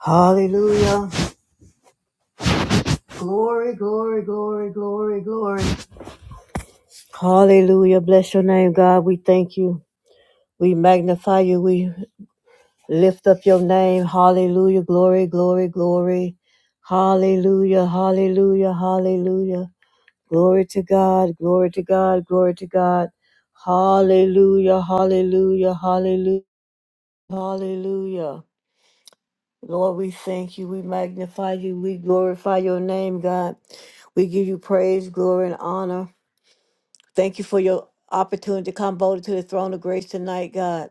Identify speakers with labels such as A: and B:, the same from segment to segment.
A: Hallelujah. Glory, glory, glory, glory, glory. Hallelujah. Bless your name, God. We thank you. We magnify you. We lift up your name. Hallelujah. Glory, glory, glory. Hallelujah. Hallelujah. Hallelujah. Glory to God. Glory to God. Glory to God. Hallelujah. Hallelujah. Hallelujah. Hallelujah. Lord, we thank you. We magnify you. We glorify your name, God. We give you praise, glory, and honor. Thank you for your opportunity to come boldly to the throne of grace tonight, God.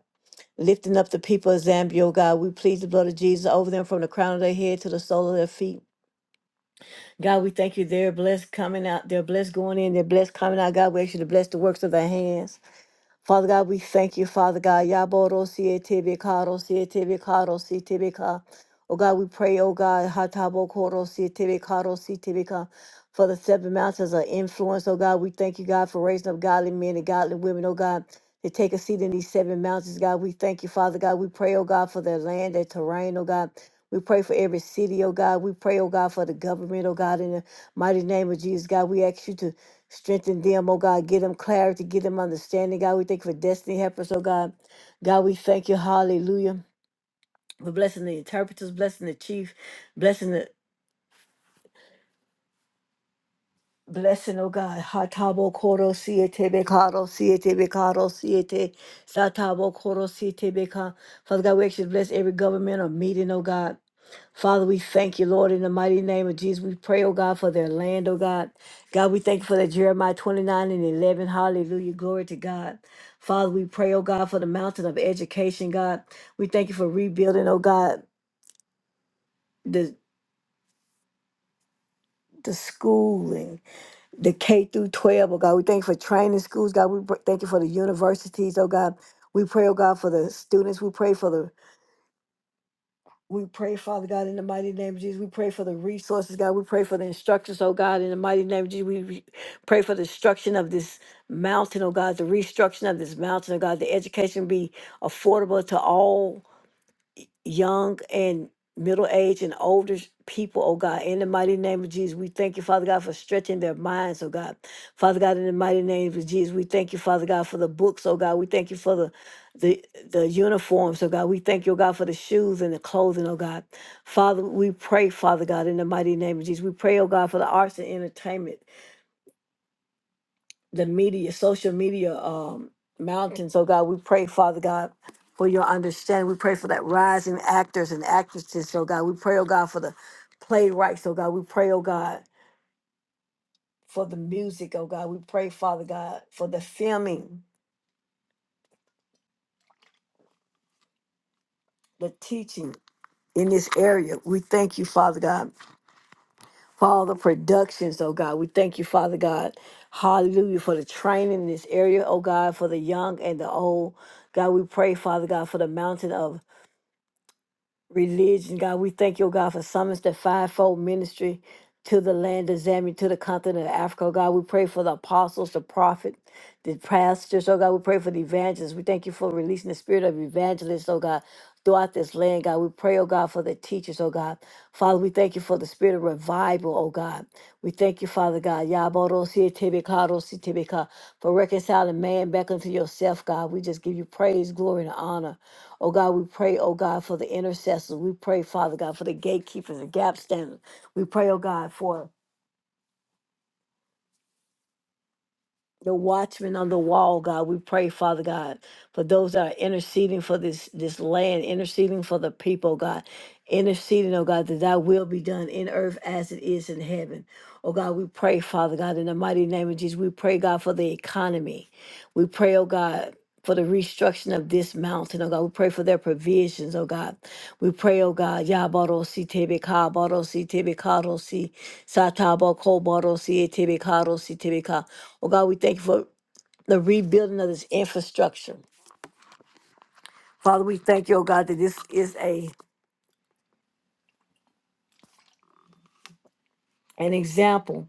A: Lifting up the people of Zambia, oh God. We plead the blood of Jesus over them from the crown of their head to the sole of their feet. God, we thank you. They're blessed coming out. They're blessed going in. They're blessed coming out. God, we ask you to bless the works of their hands. Father God, we thank you, Father God. Yaboro siete bekaro siete bekaro siete beka. Oh God, we pray, oh God, hatabo koro siete bekaro siete beka. For the seven mountains of influence, oh God, we thank you, God, for raising up godly men and godly women, oh God, to take a seat in these seven mountains, God. We thank you, Father God. We pray, oh God, for their land, their terrain, oh God. We pray for every city, oh God. We pray, oh God, for the government, oh God, in the mighty name of Jesus, God. We ask you to Strengthen them, oh God. Give them clarity, give them understanding, God. We thank you for destiny helpers, oh God. God, we thank you, hallelujah, for blessing the interpreters, blessing the chief, blessing the Blessing, O God. Hatabo koro siete bekaro siete bekaro siete. Satabo koro siete beka. Father God, we actually bless every governmental meeting, O God. Father, we thank you, Lord, in the mighty name of Jesus. We pray, oh God, for their land, oh God. God, we thank you for that Jeremiah 29 and 11. Hallelujah. Glory to God. Father, we pray, oh God, for the mountain of education, God. We thank you for rebuilding, oh God, the, the schooling. the K through 12, oh God. We thank you for training schools, God. We pr- thank you for the universities, oh God. We pray, oh God, for the students. We pray for the, we pray, Father God, in the mighty name of Jesus. We pray for the resources, God. We pray for the instructors, oh God, in the mighty name of Jesus. We re- pray for the destruction of this mountain, oh God, the restructuring of this mountain, oh God. The education be affordable to all young and middle aged and older people, oh God, in the mighty name of Jesus, we thank you, Father God, for stretching their minds, oh God. Father God, in the mighty name of Jesus, we thank you, Father God, for the books, oh God. We thank you for the the the uniforms, oh God. We thank you, oh God, for the shoes and the clothing, oh God. Father, we pray, Father God, in the mighty name of Jesus. We pray, oh God, for the arts and entertainment the media, social media um, mountains. Oh God, we pray, Father God, for your understanding. We pray for that rising actors and actresses. Oh God, we pray, oh God, for the playwrights. Oh God, we pray, oh God, for the music. Oh God, we pray, Father God, for the filming, the teaching in this area. We thank you, Father God, for all the productions. Oh God, we thank you, Father God. Hallelujah for the training in this area, oh God, for the young and the old. God, we pray, Father God, for the mountain of religion, God. We thank you, oh God, for summons the fivefold ministry to the land of Zambia, to the continent of Africa, oh God. We pray for the apostles, the prophet, the pastors, oh God. We pray for the evangelists. We thank you for releasing the spirit of evangelists, oh God. Throughout this land, God, we pray, oh God, for the teachers, oh God. Father, we thank you for the spirit of revival, oh God. We thank you, Father God, Yabarositebeka, for reconciling man back unto yourself, God. We just give you praise, glory, and honor. Oh God, we pray, oh God, for the intercessors. We pray, Father God, for the gatekeepers, the gap standers. We pray, oh God, for the Watchman on the wall, God. We pray, Father God, for those that are interceding for this this land, interceding for the people, God. Interceding, oh God, that thy will be done in earth as it is in heaven. Oh God, we pray, Father God, in the mighty name of Jesus. We pray, God, for the economy. We pray, oh God. For the restructuring of this mountain, oh God. We pray for their provisions, oh God. We pray, oh God, Yabaro si tebe ka, baro si tebe ka, Satabakobaro Tibikaro Sitibika. Oh God, we thank you for the rebuilding of this infrastructure. Father, we thank you, oh God, that this is a an example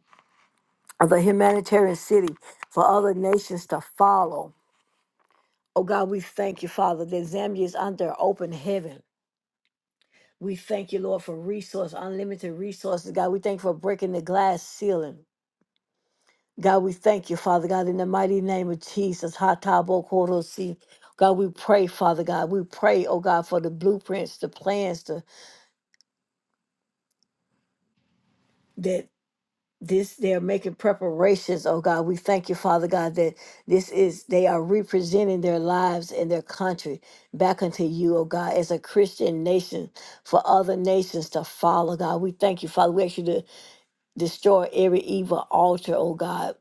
A: of a humanitarian city for other nations to follow. Oh God, we thank you, Father, that Zambia is under open heaven. We thank you, Lord, for resource, unlimited resources. God, we thank you for breaking the glass ceiling. God, we thank you, Father God, in the mighty name of Jesus. Ha ta bo ko ro si. God, we pray, Father God. We pray, oh God, for the blueprints, the plans, the, that this they're making preparations, oh God. We thank you, Father God, that this is they are representing their lives and their country back unto you, oh God, as a Christian nation for other nations to follow, God. We thank you, Father. We ask you to destroy every evil altar, oh God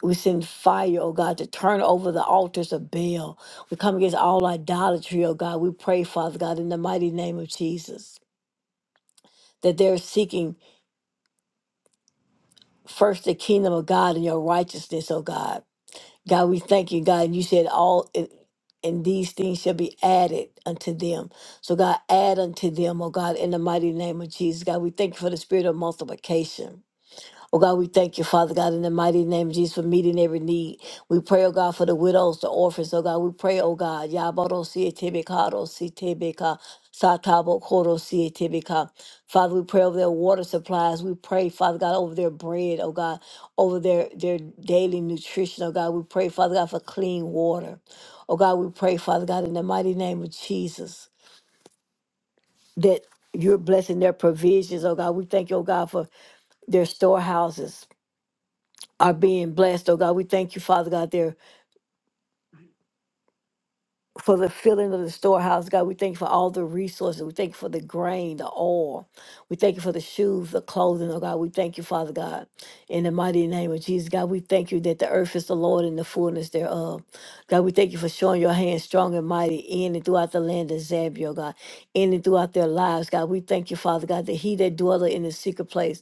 A: We send fire, oh God, to turn over the altars of Baal. We come against all idolatry, oh God. We pray, Father God, in the mighty name of Jesus, that they're seeking first the kingdom of God and your righteousness, oh God. God, we thank you, God. You said all and and these things shall be added unto them. So God, add unto them, oh God, in the mighty name of Jesus. God, we thank you for the spirit of multiplication. Oh God, we thank you, Father God, in the mighty name of Jesus for meeting every need. We pray, oh God, for the widows, the orphans, oh God. We pray, oh God, Yaboro Sietebekaro Sitebeka Satabo Koro Sietebeka. Father, we pray over their water supplies. We pray, Father God, over their bread, oh God, over their, their daily nutrition, oh God. We pray, Father God, for clean water. Oh God, we pray, Father God, in the mighty name of Jesus, that you're blessing their provisions, oh God. We thank you, oh God, for their storehouses are being blessed, oh God. We thank you, Father God, there for the filling of the storehouse, God. We thank you for all the resources. We thank you for the grain, the oil. We thank you for the shoes, the clothing, oh God. We thank you, Father God. In the mighty name of Jesus, God, we thank you that the earth is the Lord and the fullness thereof. God, we thank you for showing your hand strong and mighty in and throughout the land of Zambia, oh God, in and throughout their lives, God. We thank you, Father God, that he that dwelleth in the secret place.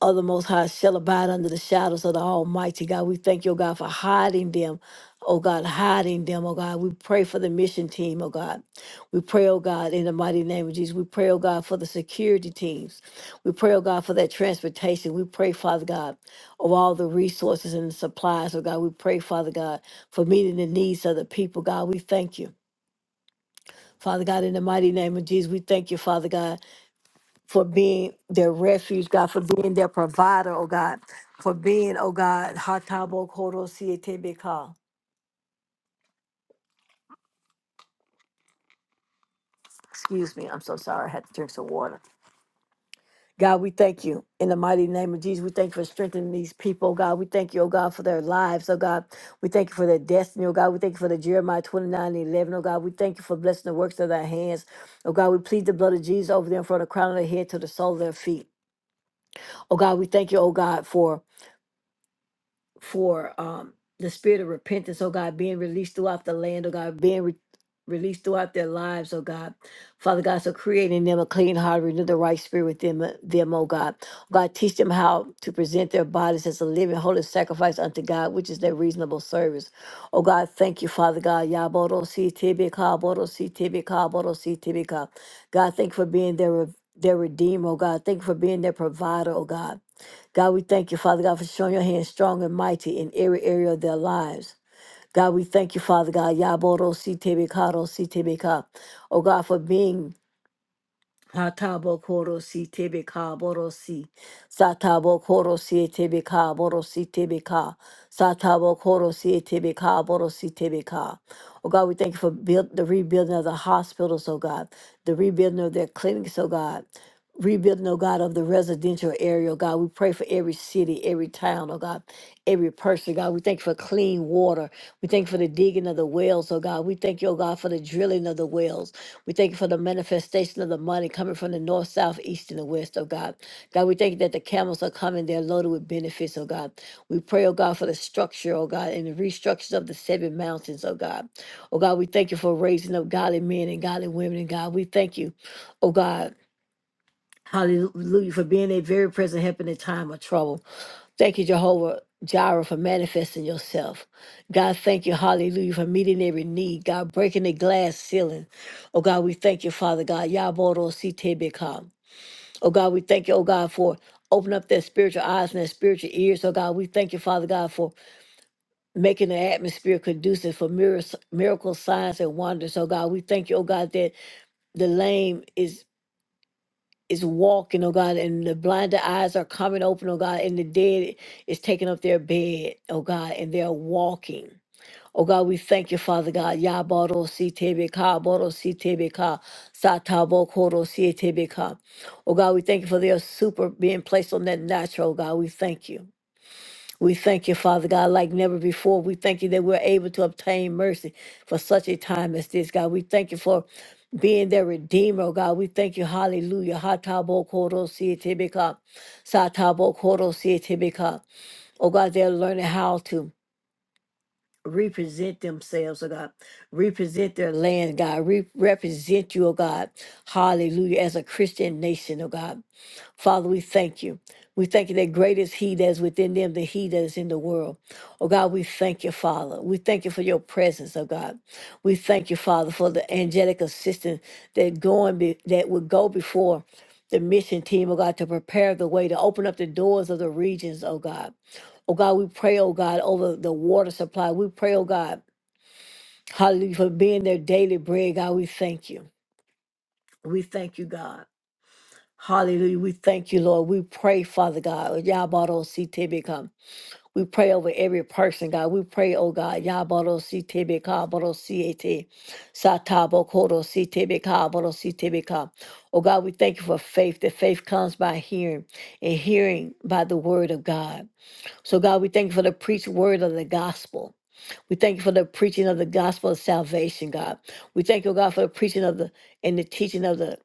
A: of the Most High shall abide under the shadows of the Almighty God. We thank you, oh God, for hiding them. Oh God, hiding them, oh God. We pray for the mission team, oh God. We pray, oh God, in the mighty name of Jesus. We pray, oh God, for the security teams. We pray, oh God, for that transportation. We pray, Father God, of all the resources and supplies, oh God. We pray, Father God, for meeting the needs of the people, God. We thank you. Father God, in the mighty name of Jesus, we thank you, Father God for being their refuge, God, for being their provider, oh God, for being, oh God, Hatabo Koro Sietebeka. Excuse me, I'm so sorry. I had to drink some water. God, we thank you in the mighty name of Jesus. We thank you for strengthening these people, oh God. We thank you, oh God, for their lives, oh God. We thank you for their destiny, oh God. We thank you for the Jeremiah 29 and 11, oh God. We thank you for blessing the works of their hands, oh God. We plead the blood of Jesus over them from the crown of their head to the sole of their feet. Oh God, we thank you, oh God, for for um, the spirit of repentance, oh God, being released throughout the land, oh God, being re- released throughout their lives, oh God. Father God, so creating them a clean heart, renew the right spirit within them, them, oh God. God, teach them how to present their bodies as a living, holy sacrifice unto God, which is their reasonable service. Oh God, thank you, Father God. Yaboro si tibika ka, boro si tibika ka, boro si tibika. God, thank you for being their, re- their redeemer, oh God. Thank you for being their provider, oh God. God, we thank you, Father God, for showing your hand strong and mighty in every area of their lives. God, we thank you, Father God, Yaboro Sitebeka, Sitebeka. Oh God, for being Hatabo korosi tebe ka borosi. Satabo korosi tebe ka borosi tebe ka. Satabo korosi tebe ka borosi tebe ka. Oh God, we thank you for build, the rebuilding of the hospitals, oh God. The rebuilding of their clinics, oh God. Rebuilding, oh God, of the residential area, oh God. We pray for every city, every town, oh God, every person, God. We thank you for clean water. We thank you for the digging of the wells, oh God. We thank you, oh God, for the drilling of the wells. We thank you for the manifestation of the money coming from the north, south, east, and the west, oh God. God, we thank you that the camels are coming. They're loaded with benefits, oh God. We pray, oh God, for the structure, oh God, and the restructures of the seven mountains, oh God. Oh God, we thank you for raising up godly men and godly women, and God, we thank you, oh God. Hallelujah, for being a very present help in a time of trouble. Thank you, Jehovah Jireh, for manifesting yourself. God, thank you, hallelujah, for meeting every need. God, breaking the glass ceiling. Oh, God, we thank you, Father God. Yaboro Sitebeka. Oh, God, we thank you, oh, God, for opening up their spiritual eyes and their spiritual ears. Oh, God, we thank you, Father God, for making the atmosphere conducive for miracles, miracles, signs, and wonders. Oh, God, we thank you, oh, God, that the lame is is walking, oh God, and the blinded eyes are coming open, oh God, and the dead is taking up their bed, oh God, and they're walking. Oh God, we thank you, Father God. Yaboro si tebeka, boro si tebeka, satabo koro si tebeka. Oh God, we thank you for their super being placed on that natural, oh God. We thank you. We thank you, Father God, like never before. We thank you that we're able to obtain mercy for such a time as this, God. We thank you for being their redeemer, oh God. We thank you, hallelujah. Hatabo koro sietebeka, satabo koro si tibika. Oh God, they're learning how to represent themselves, oh God. Represent their land, God. Re- represent you, oh God. Hallelujah. As a Christian nation, oh God. Father, we thank you. We thank you that great is He that is within them than He that is in the world. Oh God, we thank you, Father. We thank you for your presence, oh God. We thank you, Father, for the angelic assistance that going be, that would go before the mission team, oh God, to prepare the way to open up the doors of the regions, oh God. Oh God, we pray, oh God, over the water supply. We pray, oh God, hallelujah, for being their daily bread. God, we thank you. We thank you, God. Hallelujah. We thank you, Lord. We pray, Father God. Yabaro si tebeka. We pray over every person, God. We pray, oh God. Yabaro si tebeka, baro si ete. Satabo koro si tebeka, baro si tebeka. Oh God, we thank you for faith. That faith comes by hearing and hearing by the word of God. So God, we thank you for the preached word of the gospel. We thank you for the preaching of the gospel of salvation, God. We thank you, oh God, for the preaching of the and the teaching of the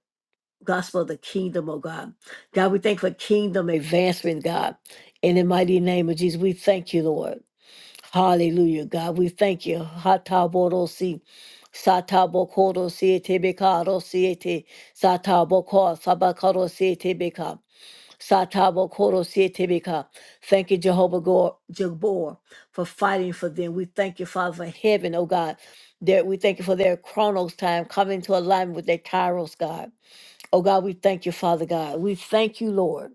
A: gospel of the kingdom, oh God. God, we thank for kingdom advancement, God. In the mighty name of Jesus, we thank you, Lord. Hallelujah, God. We thank you. Hatabodosi. Satabokodo sietebekado siete. Sataboko sabakado sietebeka. Satabokodo sietebeka. Thank you, Jehovah Gor- Jabor, for fighting for them. We thank you, Father, for heaven, oh God. That we thank you for their chronos time coming to alignment with their kairos, God. Oh God, we thank you, Father God. We thank you, Lord.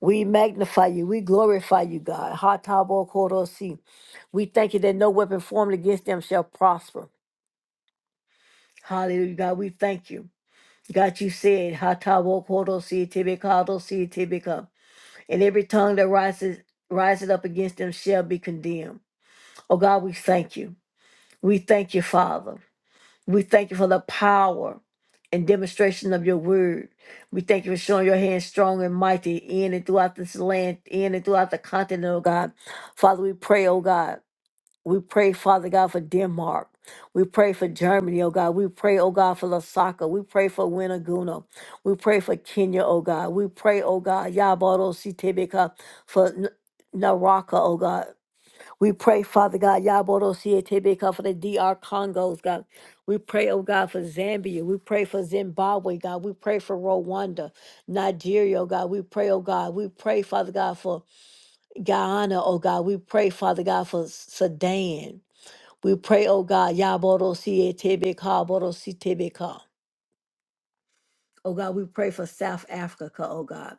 A: We magnify you. We glorify you, God. Ha ta bo ko ro si. We thank you that no weapon formed against them shall prosper. Hallelujah, God. We thank you. God, you said, "Ha ta bo ko ro si te be ka do si te be ka." and every tongue that rises rises up against them shall be condemned. Oh God, we thank you. We thank you, Father. We thank you for the power and demonstration of your word. We thank you for showing your hand strong and mighty in and throughout this land, in and throughout the continent, oh God. Father, we pray, oh God. We pray, Father God, for Denmark. We pray for Germany, oh God. We pray, oh God, for Lasaka. We pray for Winaguna. We pray for Kenya, oh God. We pray, oh God, Yabado Sitebeka for N- Naraka, oh God. We pray, Father God, Yaborosietebeka for the D.R. Congos, God. We pray, oh God, for Zambia. We pray for Zimbabwe, God. We pray for Rwanda, Nigeria, oh God. We pray, oh God. We pray, Father God, for Guyana, oh God. We pray, Father God, for Sudan. We pray, oh God, Yaborosietebeka, Borositebeka. Oh God, we pray for South Africa, oh God.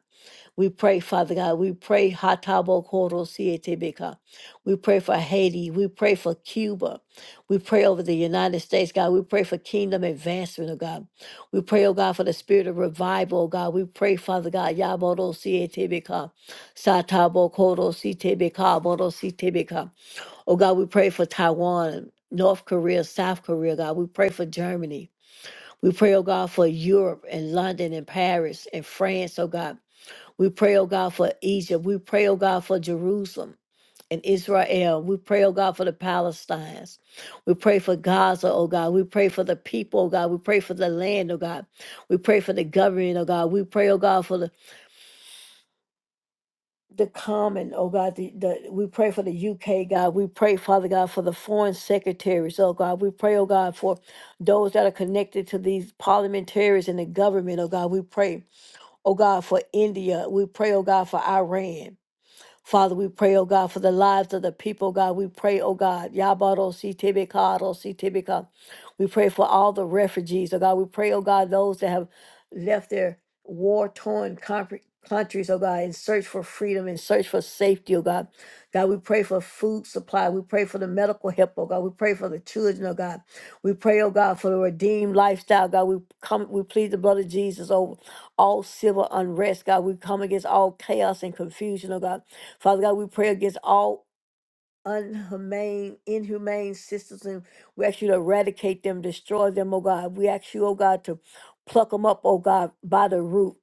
A: We pray, Father God. We pray, Hatabo Koro Sietebeka. We pray for Haiti. We pray for Cuba. We pray over the United States, God. We pray for kingdom advancement, oh God. We pray, oh God, for the spirit of revival, oh God. We pray, Father God, Yaboro Sietebeka. Satabo Koro Sietebeka, Boro Sietebeka. Oh God, we pray for Taiwan. North Korea, South Korea, God. We pray for Germany. We pray, oh God, for Europe and London and Paris and France, oh God. We pray, oh God, for Egypt. We pray, oh God, for Jerusalem and Israel. We pray, oh God, for the Palestines. We pray for Gaza, oh God. We pray for the people, oh God. We pray for the land, oh God. We pray for the government, oh God. We pray, oh God, for the the common, oh God, the, the we pray for the UK, God. We pray, Father God, for the foreign secretaries, oh God. We pray, oh God, for those that are connected to these parliamentarians and the government, oh God. We pray, oh God, for India. We pray, oh God, for Iran. Father, we pray, oh God, for the lives of the people, God. We pray, oh God, Yabaro si tibika, ro si tibika. We pray for all the refugees, oh God. We pray, oh God, those that have left their war torn countries, oh God, in search for freedom, in search for safety, oh God. God, we pray for food supply. We pray for the medical help, oh God. We pray for the children, oh God. We pray, oh God, for the redeemed lifestyle, God. We come, we plead the blood of Jesus over all civil unrest, God. We come against all chaos and confusion, oh God. Father God, we pray against all unhumane, inhumane systems, and we ask you to eradicate them, destroy them, oh God. We ask you, oh God, to pluck them up, oh God, by the root.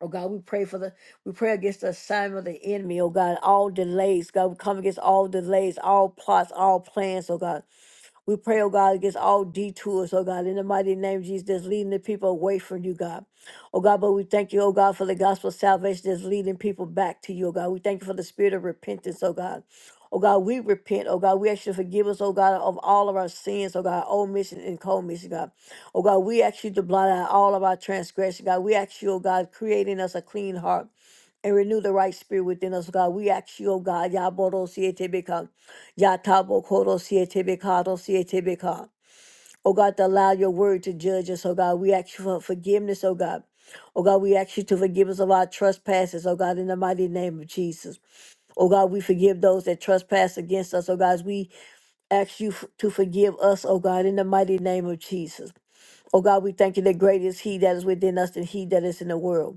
A: Oh God, we pray for the we pray against the assignment of the enemy, oh God, all delays. God, we come against all delays, all plots, all plans, oh God. We pray, oh God, against all detours, oh God, in the mighty name of Jesus, that's leading the people away from you, God. Oh God, but we thank you, oh God, for the gospel of salvation that's leading people back to you, oh God. We thank you for the spirit of repentance, oh God. Oh God, we repent. Oh God, we ask you to forgive us, oh God, of all of our sins, oh God, omission and commission, God. Oh God, we ask you to blot out all of our transgression, God. We ask you, oh God, creating us a clean heart and renew the right spirit within us, God. We ask you, oh God, Yaboro Sietebeka, Yatabo Koro Sietebeka, Do Sietebeka. Oh God, to allow your word to judge us, oh God. We ask you for forgiveness, oh God. Oh God, we ask you to forgive us of our trespasses, oh God, in the mighty name of Jesus. Oh God, we forgive those that trespass against us, oh God. As We ask you f- to forgive us, oh God, in the mighty name of Jesus. Oh God, we thank you that great is He that is within us than He that is in the world.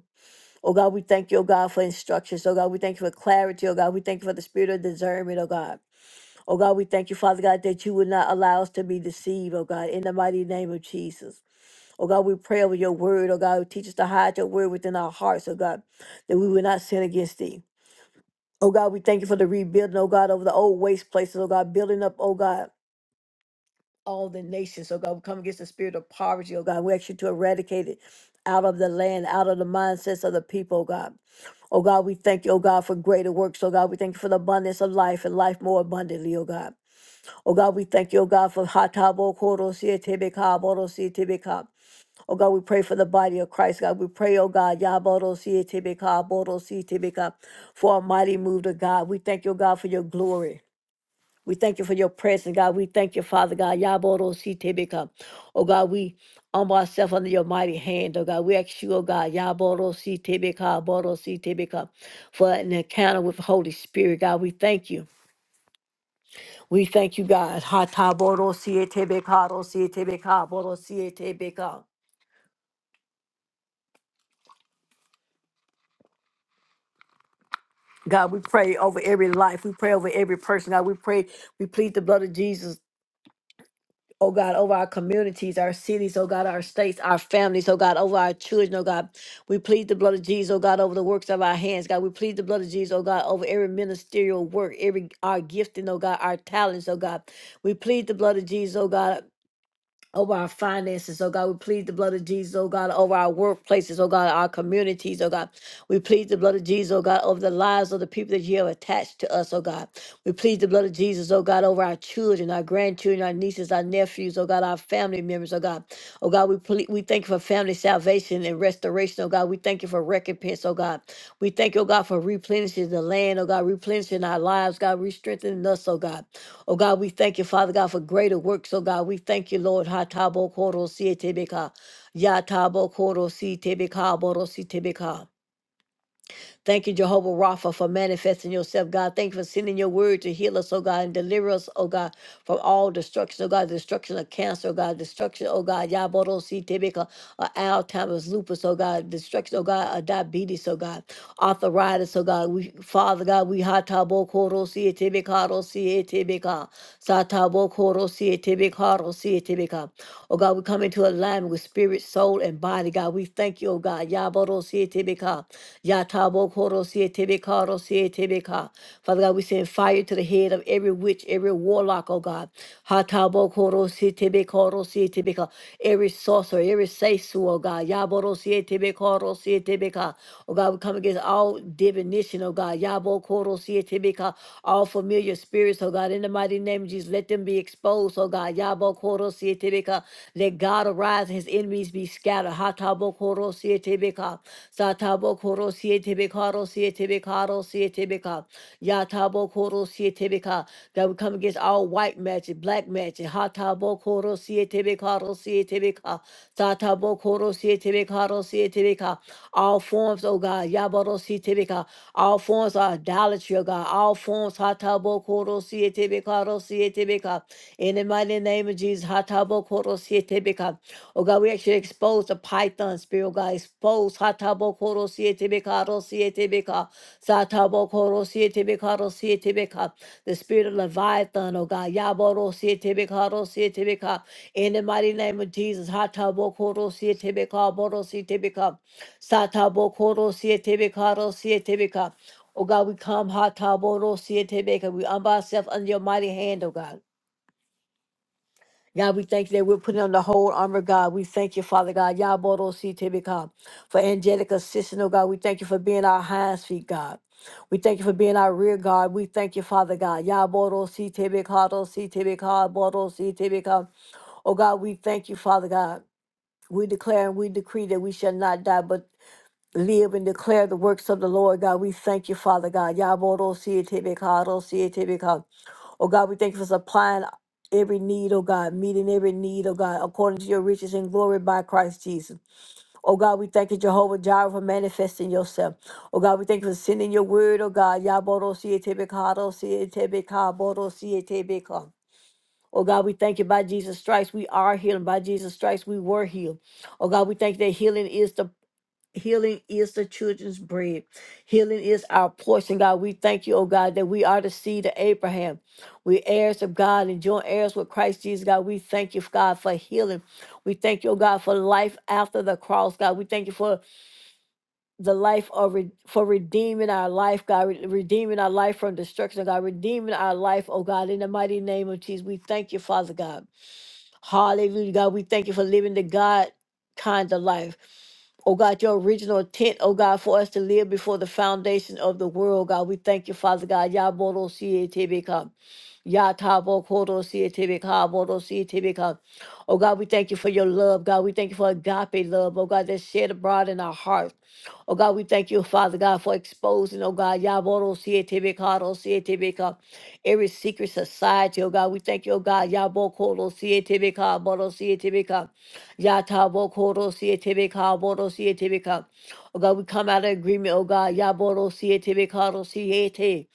A: Oh God, we thank you, oh God, for instructions. Oh God, we thank you for clarity. Oh God, we thank you for the spirit of discernment, oh God. Oh God, we thank you, Father God, that you would not allow us to be deceived, oh God, in the mighty name of Jesus. Oh God, we pray over your word. Oh God, teach us to hide your word within our hearts, oh God, that we will not sin against thee. Oh God, we thank you for the rebuilding, oh God, over the old waste places, oh God, building up, oh God all the nations. So God, we come against the spirit of poverty, oh God. We ask you to eradicate it out of the land, out of the mindsets of the people, oh God. Oh God, we thank you, oh God, for greater works. Oh God, we thank you for the abundance of life and life more abundantly, oh God. Oh God, we thank you, oh God, for hatabo korosia tibika borosia tibika. Oh God, we pray for the body of Christ, God. We pray, oh God, yaborosia tibika borosia tibika, for a mighty move to God. We thank you, oh God, for your glory. We thank you for your presence, God. We thank you, Father God. Yaboro Sitebeka. Oh God, we humble ourselves under your mighty hand, oh God. We ask you, oh God, Yaboro Sitebeka, Boro Sitebeka, for an encounter with the Holy Spirit, God. We thank you. We thank you, God. Hata Boro Sietebeka, Ro Sietebeka, Boro Sietebeka. God, we pray over every life. We pray over every person. God, we pray. We plead the blood of Jesus oh God, over our communities, our cities, oh God, our states, our families, oh God, over our children, oh God. We plead the blood of Jesus, oh God, over the works of our hands, God. We plead the blood of Jesus, oh God, over every ministerial work, every our gifting, oh God, our talents, oh God. We plead the blood of Jesus, oh God over our finances, oh God. We plead the blood of Jesus, oh God, over our workplaces, oh God, our communities, oh God. We plead the blood of Jesus, oh God, over the lives of the people that you have attached to us, oh God. We plead the blood of Jesus, oh God, over our children, our grandchildren, our nieces, our nephews, oh God, our family members, oh God. Oh God, we ple- we thank you for family salvation and restoration, oh God. We thank you for recompense, oh God. We thank you, oh God, for replenishing the land, oh God, replenishing our lives, God, re-strengthening us, oh God. Oh God, we thank you, Father God, for greater works. Oh God, we thank you, Lord. Ha tabo koro si etebeka. Ya tabo koro si tebeka boro si tebeka. Thank you, Jehovah Rapha, for manifesting yourself, God. Thank you for sending your word to heal us, oh God, and deliver us, oh God, from all destruction, oh God, destruction of cancer, oh God, destruction, oh God, Yabodosi Tibika, uh, Alzheimer's, lupus, oh God, destruction, oh God, uh, diabetes, oh God, arthritis, oh God. We, Father God, we hatabokodosi Tibika, dosi Tibika, satabokodosi Tibika, dosi Tibika. Oh God, we come into alignment with spirit, soul, and body. God, we thank you, oh God. Yabarosietebeka, Yatabokorosietebeka, Father God, we send fire to the head of every witch, every warlock, oh God. Hatabokorosietebeka, Every sorcerer, every seisu, oh God. Yabarosietebeka, Oh God, we come against all divination, oh God. Yabokorosietebeka. All familiar spirits, oh God. In the mighty name of Jesus, let them be exposed, oh God. Yabo Hatabokoro Sietebeka. Let God arise and his enemies be scattered. Hatabokoro Sietebeka. Satabokoro Sietebekaro Sietebekaro Sietebeka. Yatabokoro Sietebeka. That we come against all white magic, black magic. Hatabokoro Sietebekaro Sietebeka. Satabokoro Sietebekaro Sietebeka. All forms, oh God. Yaboro Sietebeka. All forms of idolatry, oh God. All forms. Hatabokoro Sietebekaro Sietebeka. In the mighty name of Jesus, Hatabo Koro Siete Beka. Oh God, we actually expose the python spirit, oh God. Expose Hatabo Koro Siete Beka, Ro Siete Beka. Satabo Koro Siete Beka, Ro Siete Beka. The spirit of Leviathan, oh God. Yaboro Siete Beka, Ro Siete Beka. In the mighty name of Jesus, Hatabo Koro Siete Beka, Boro Siete Beka. Satabo Koro Siete Beka, Ro Siete Beka. Oh God, we come, Hatabo Ro Siete Beka. We humble ourselves under your mighty hand, oh God. God, we thank you that we're putting on the whole armor, God. We thank you, Father God, Yabodo si Tibika, for angelic assistance, oh God. We thank you for being our hands, feet, God. We thank you for being our rear guard. We thank you, Father God. Yabodo si Tibika, do si Tibika, Bodo si Tibika. Oh God, we thank you, Father God. We declare and we decree that we shall not die, but live and declare the works of the Lord, God. We thank you, Father God. Yabodo si Tibika, do si tibika. Oh God, we thank you for supplying every need, oh God, meeting every need, oh God, according to your riches and glory by Christ Jesus. Oh God, we thank you, Jehovah Jireh, for manifesting yourself. Oh God, we thank you for sending your word, oh God. Yaboro sietebekado sietebeka boro sietebeka. Oh God, we thank you by Jesus Christ. We are healed. By Jesus Christ, we were healed. Oh God, we thank you that healing is the Healing is the children's bread. Healing is our portion, God. We thank you, oh God, that we are the seed of Abraham. We heirs of God and joint heirs with Christ Jesus, God. We thank you, God, for healing. We thank you, oh God, for life after the cross, God. We thank you for the life of re- for redeeming our life, God, re- redeeming our life from destruction, God, redeeming our life, oh God, in the mighty name of Jesus. We thank you, Father God. Hallelujah, God. We thank you for living the God kind of life. Oh God, your original intent, oh God, for us to live before the foundation of the world, God. We thank you, Father God. Yabodo Sietibika. Yatabo Kodo Sietibika. Bodo Sietibika. Oh God, we thank you for your love, God. We thank you for agape love, oh God, that's shed abroad in our hearts. Oh God, we thank you, Father God, for exposing, oh God, Yaboro Sietibikado Sietibika, every secret society, oh God. We thank you, oh God, Yabokoro Sietibika, Boro Sietibika, Yatabokoro Sietibika, Boro Sietibika. Oh God, we come out of agreement, oh God, Yaboro Sietibikado Siete,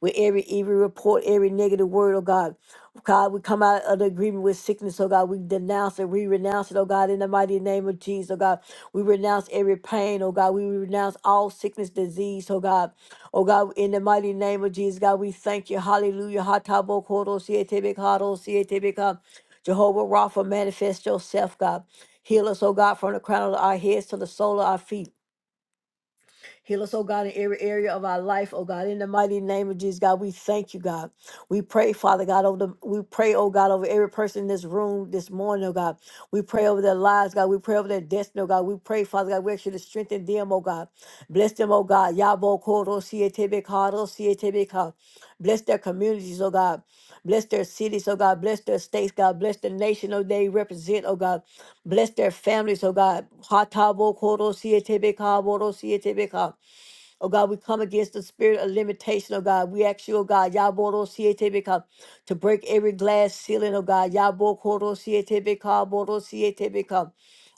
A: with every evil report, every negative word, oh God. God, we come out of the agreement with sickness, oh God. We denounce it, we renounce it, oh God, in the mighty name of Jesus, oh God. We renounce every pain, oh God. We renounce all sickness, disease, oh God. Oh God, in the mighty name of Jesus, God, we thank you. Hallelujah. Hatabo koro sietebe karo sietebe ka. Jehovah Rapha, manifest yourself, God. Heal us, oh God, from the crown of our heads to the sole of our feet. Heal us, oh God, in every area of our life, oh God. In the mighty name of Jesus, God, we thank you, God. We pray, Father God, over the we pray, oh God, over every person in this room this morning, oh God. We pray over their lives, God. We pray over their destiny, oh God. We pray, Father God, we ask you to strengthen them, oh God. Bless them, oh God. Yabo koro sietebe karo sietebe ka. Bless their communities, oh God. Bless their cities, oh God. Bless their states, God. Bless the nation, oh they represent, oh God. Bless their families, oh God. Hatabo koro sietebe ka boro sietebe ka. Oh God, we come against the spirit of limitation, oh God. We ask you, oh God, Yaboro Siete become to break every glass ceiling, oh God. yabo Yaboro Siete become Boro Siete become.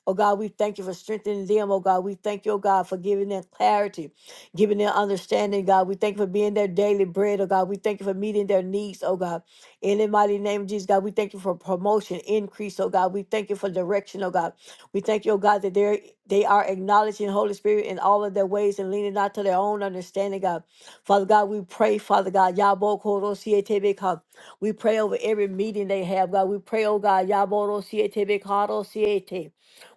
A: Oh God, we thank you for strengthening them, oh God. We thank you, oh God, for giving them clarity, giving them understanding, God. We thank you for being their daily bread, oh God. We thank you for meeting their needs, oh God. In the mighty name of Jesus, God, we thank you for promotion, increase, oh God. We thank you for direction, oh God. We thank you, O God, that they they are acknowledging Holy Spirit in all of their ways and leaning not to their own understanding, God. Father God, we pray, Father God, Yabo Koro Sietebe We pray over every meeting they have, God. We pray, oh God, Yaboro Sietebe Karo Siete.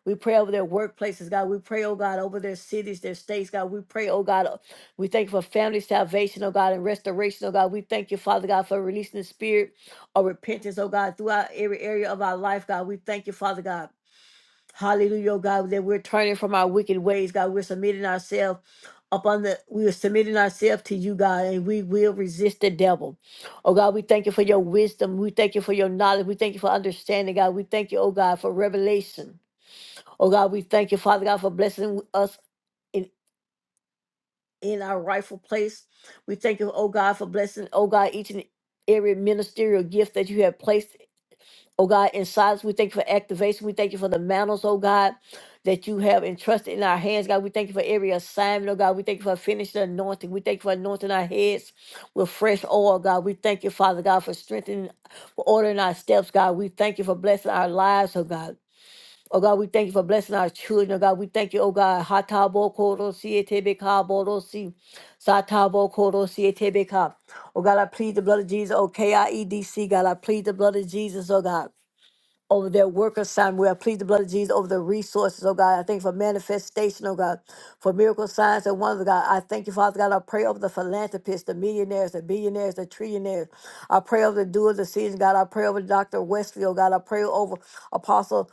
A: We pray over their workplaces, God. We pray, oh God, over their cities, their states, God. We pray, oh God. uh, We thank you for family salvation, oh God, and restoration, oh God. We thank you, Father God, for releasing the spirit of repentance, oh God, throughout every area of our life, God. We thank you, Father God. Hallelujah, oh God, that we're turning from our wicked ways, God. We're submitting ourselves upon the we are submitting ourselves to you, God, and we will resist the devil. Oh God, we thank you for your wisdom. We thank you for your knowledge. We thank you for understanding, God. We thank you, oh God, for revelation. Oh God, we thank you, Father God, for blessing us in, in our rightful place. We thank you, oh God, for blessing, oh God, each and every ministerial gift that you have placed Oh God, in silence, we thank you for activation. We thank you for the mantles, oh God, that you have entrusted in our hands, God. We thank you for every assignment, oh God. We thank you for finishing anointing. We thank you for anointing our heads with fresh oil, God. We thank you, Father God, for strengthening, for ordering our steps, God. We thank you for blessing our lives, oh God. Oh God, we thank you for blessing our children, oh God. We thank you, oh God. Hatabo koro si etebe ka boro si. Satabo koro si etebe ka. Oh God, I plead the blood of Jesus, oh God. I plead the blood of Jesus, oh God over their work assignment. We are plead the blood of Jesus over the resources, oh God. I thank you for manifestation, oh God, for miracle signs and wonders, oh God. I thank you, Father God. I pray over the philanthropists, the millionaires, the billionaires, the trillionaires. I pray over the doers of the season, God. I pray over Dr. Westfield, oh God. I pray over Apostle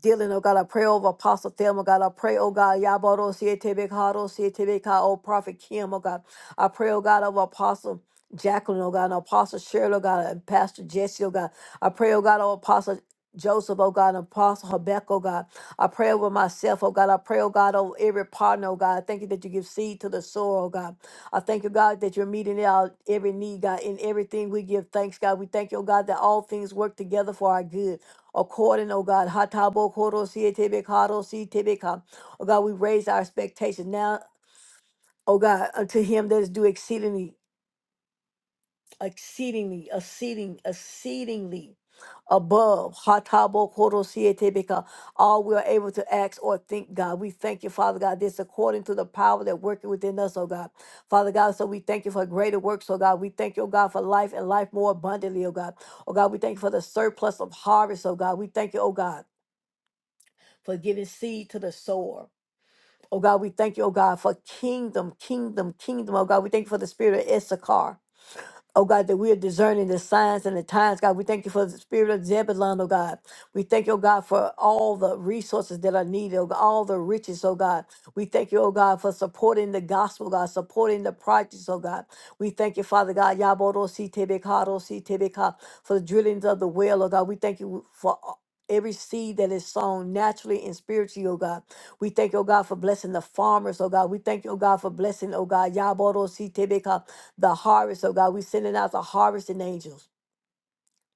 A: dealing, oh God, I pray over Apostle Thelma, God, I pray, oh God, Yaboro Sietebekaro Sietebeka, oh Prophet Kim, oh God, I pray, oh God, over Apostle Jacqueline, oh God, and Apostle Cheryl, oh God, and Pastor Jesse, oh God, I pray, oh God, over Apostle Joseph, oh God, and Apostle Habakkuk, oh God, I pray over myself, oh God, I pray, oh God, over every partner, oh God, I thank you that you give seed to the soil, oh God, I thank you, God, that you're meeting our every need, God, in everything we give thanks, God, we thank you, oh God, that all things work together for our good. Oh, According, oh God, hatabo koro siete karo siete beka. Oh God, we raise our expectation now, oh God, unto him that is due exceedingly, exceedingly, exceeding, exceedingly above hatabo koro siete beka, all we are able to ask or think, God. We thank you, Father God, this according to the power that working within us, oh God. Father God, so we thank you for greater works, oh God. We thank you, oh God, for life and life more abundantly, oh God. Oh God, we thank you for the surplus of harvest, oh God. We thank you, oh God. for giving seed to the sower. Oh God, we thank you, oh God, for kingdom, kingdom, kingdom. Oh God, we thank you for the spirit of Issachar. Oh God, that we are discerning the signs and the times, God. We thank you for the spirit of Zebulun, oh God. We thank you, oh God, for all the resources that are needed, oh God, all the riches, oh God. We thank you, oh God, for supporting the gospel, God, supporting the projects, oh God. We thank you, Father God, Yaboro si tebekado si tebeka, for the drillings of the well, oh God. We thank you for a- every seed that is sown naturally and spiritually, oh God. We thank you, oh God, for blessing the farmers, oh God. We thank you, oh God, for blessing, oh God, Yaboro si tebeka, the harvest, oh God. We're sending out the harvesting angels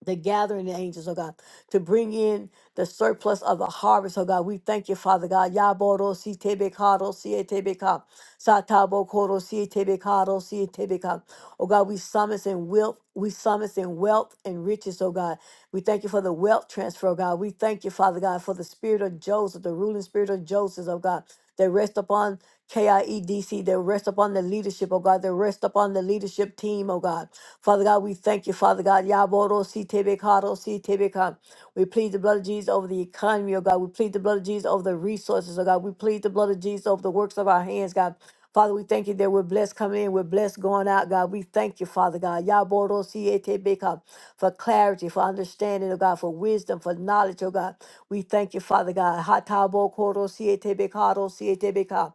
A: the gathering of angels, oh God, to bring in the surplus of the harvest, oh God. We thank you, Father God. Yaboro si tebekado si etebeka. Satabo koro si etebekado si etebeka. Oh God, we summons in wealth, we summons in wealth and riches, oh God. We thank you for the wealth transfer, oh God. We thank you, Father God, for the spirit of Joseph, the ruling spirit of Joseph, oh God, that rest upon KIEDC, that rest upon the leadership, oh God, that rest upon the leadership team, oh God. Father God, we thank you, Father God. Yaboro si tebe karo si tebe ka. We plead the blood of Jesus over the economy, oh God. We plead the blood of Jesus over the resources, oh God. We plead the blood of Jesus over the works of our hands, God. Father, we thank you that we're blessed coming in, we're blessed going out, God. We thank you, Father God. Yaboro si e tebe ka. For clarity, for understanding, oh God, for wisdom, for knowledge, oh God. We thank you, Father God. Hatabo koro si e tebe karo si e tebe ka.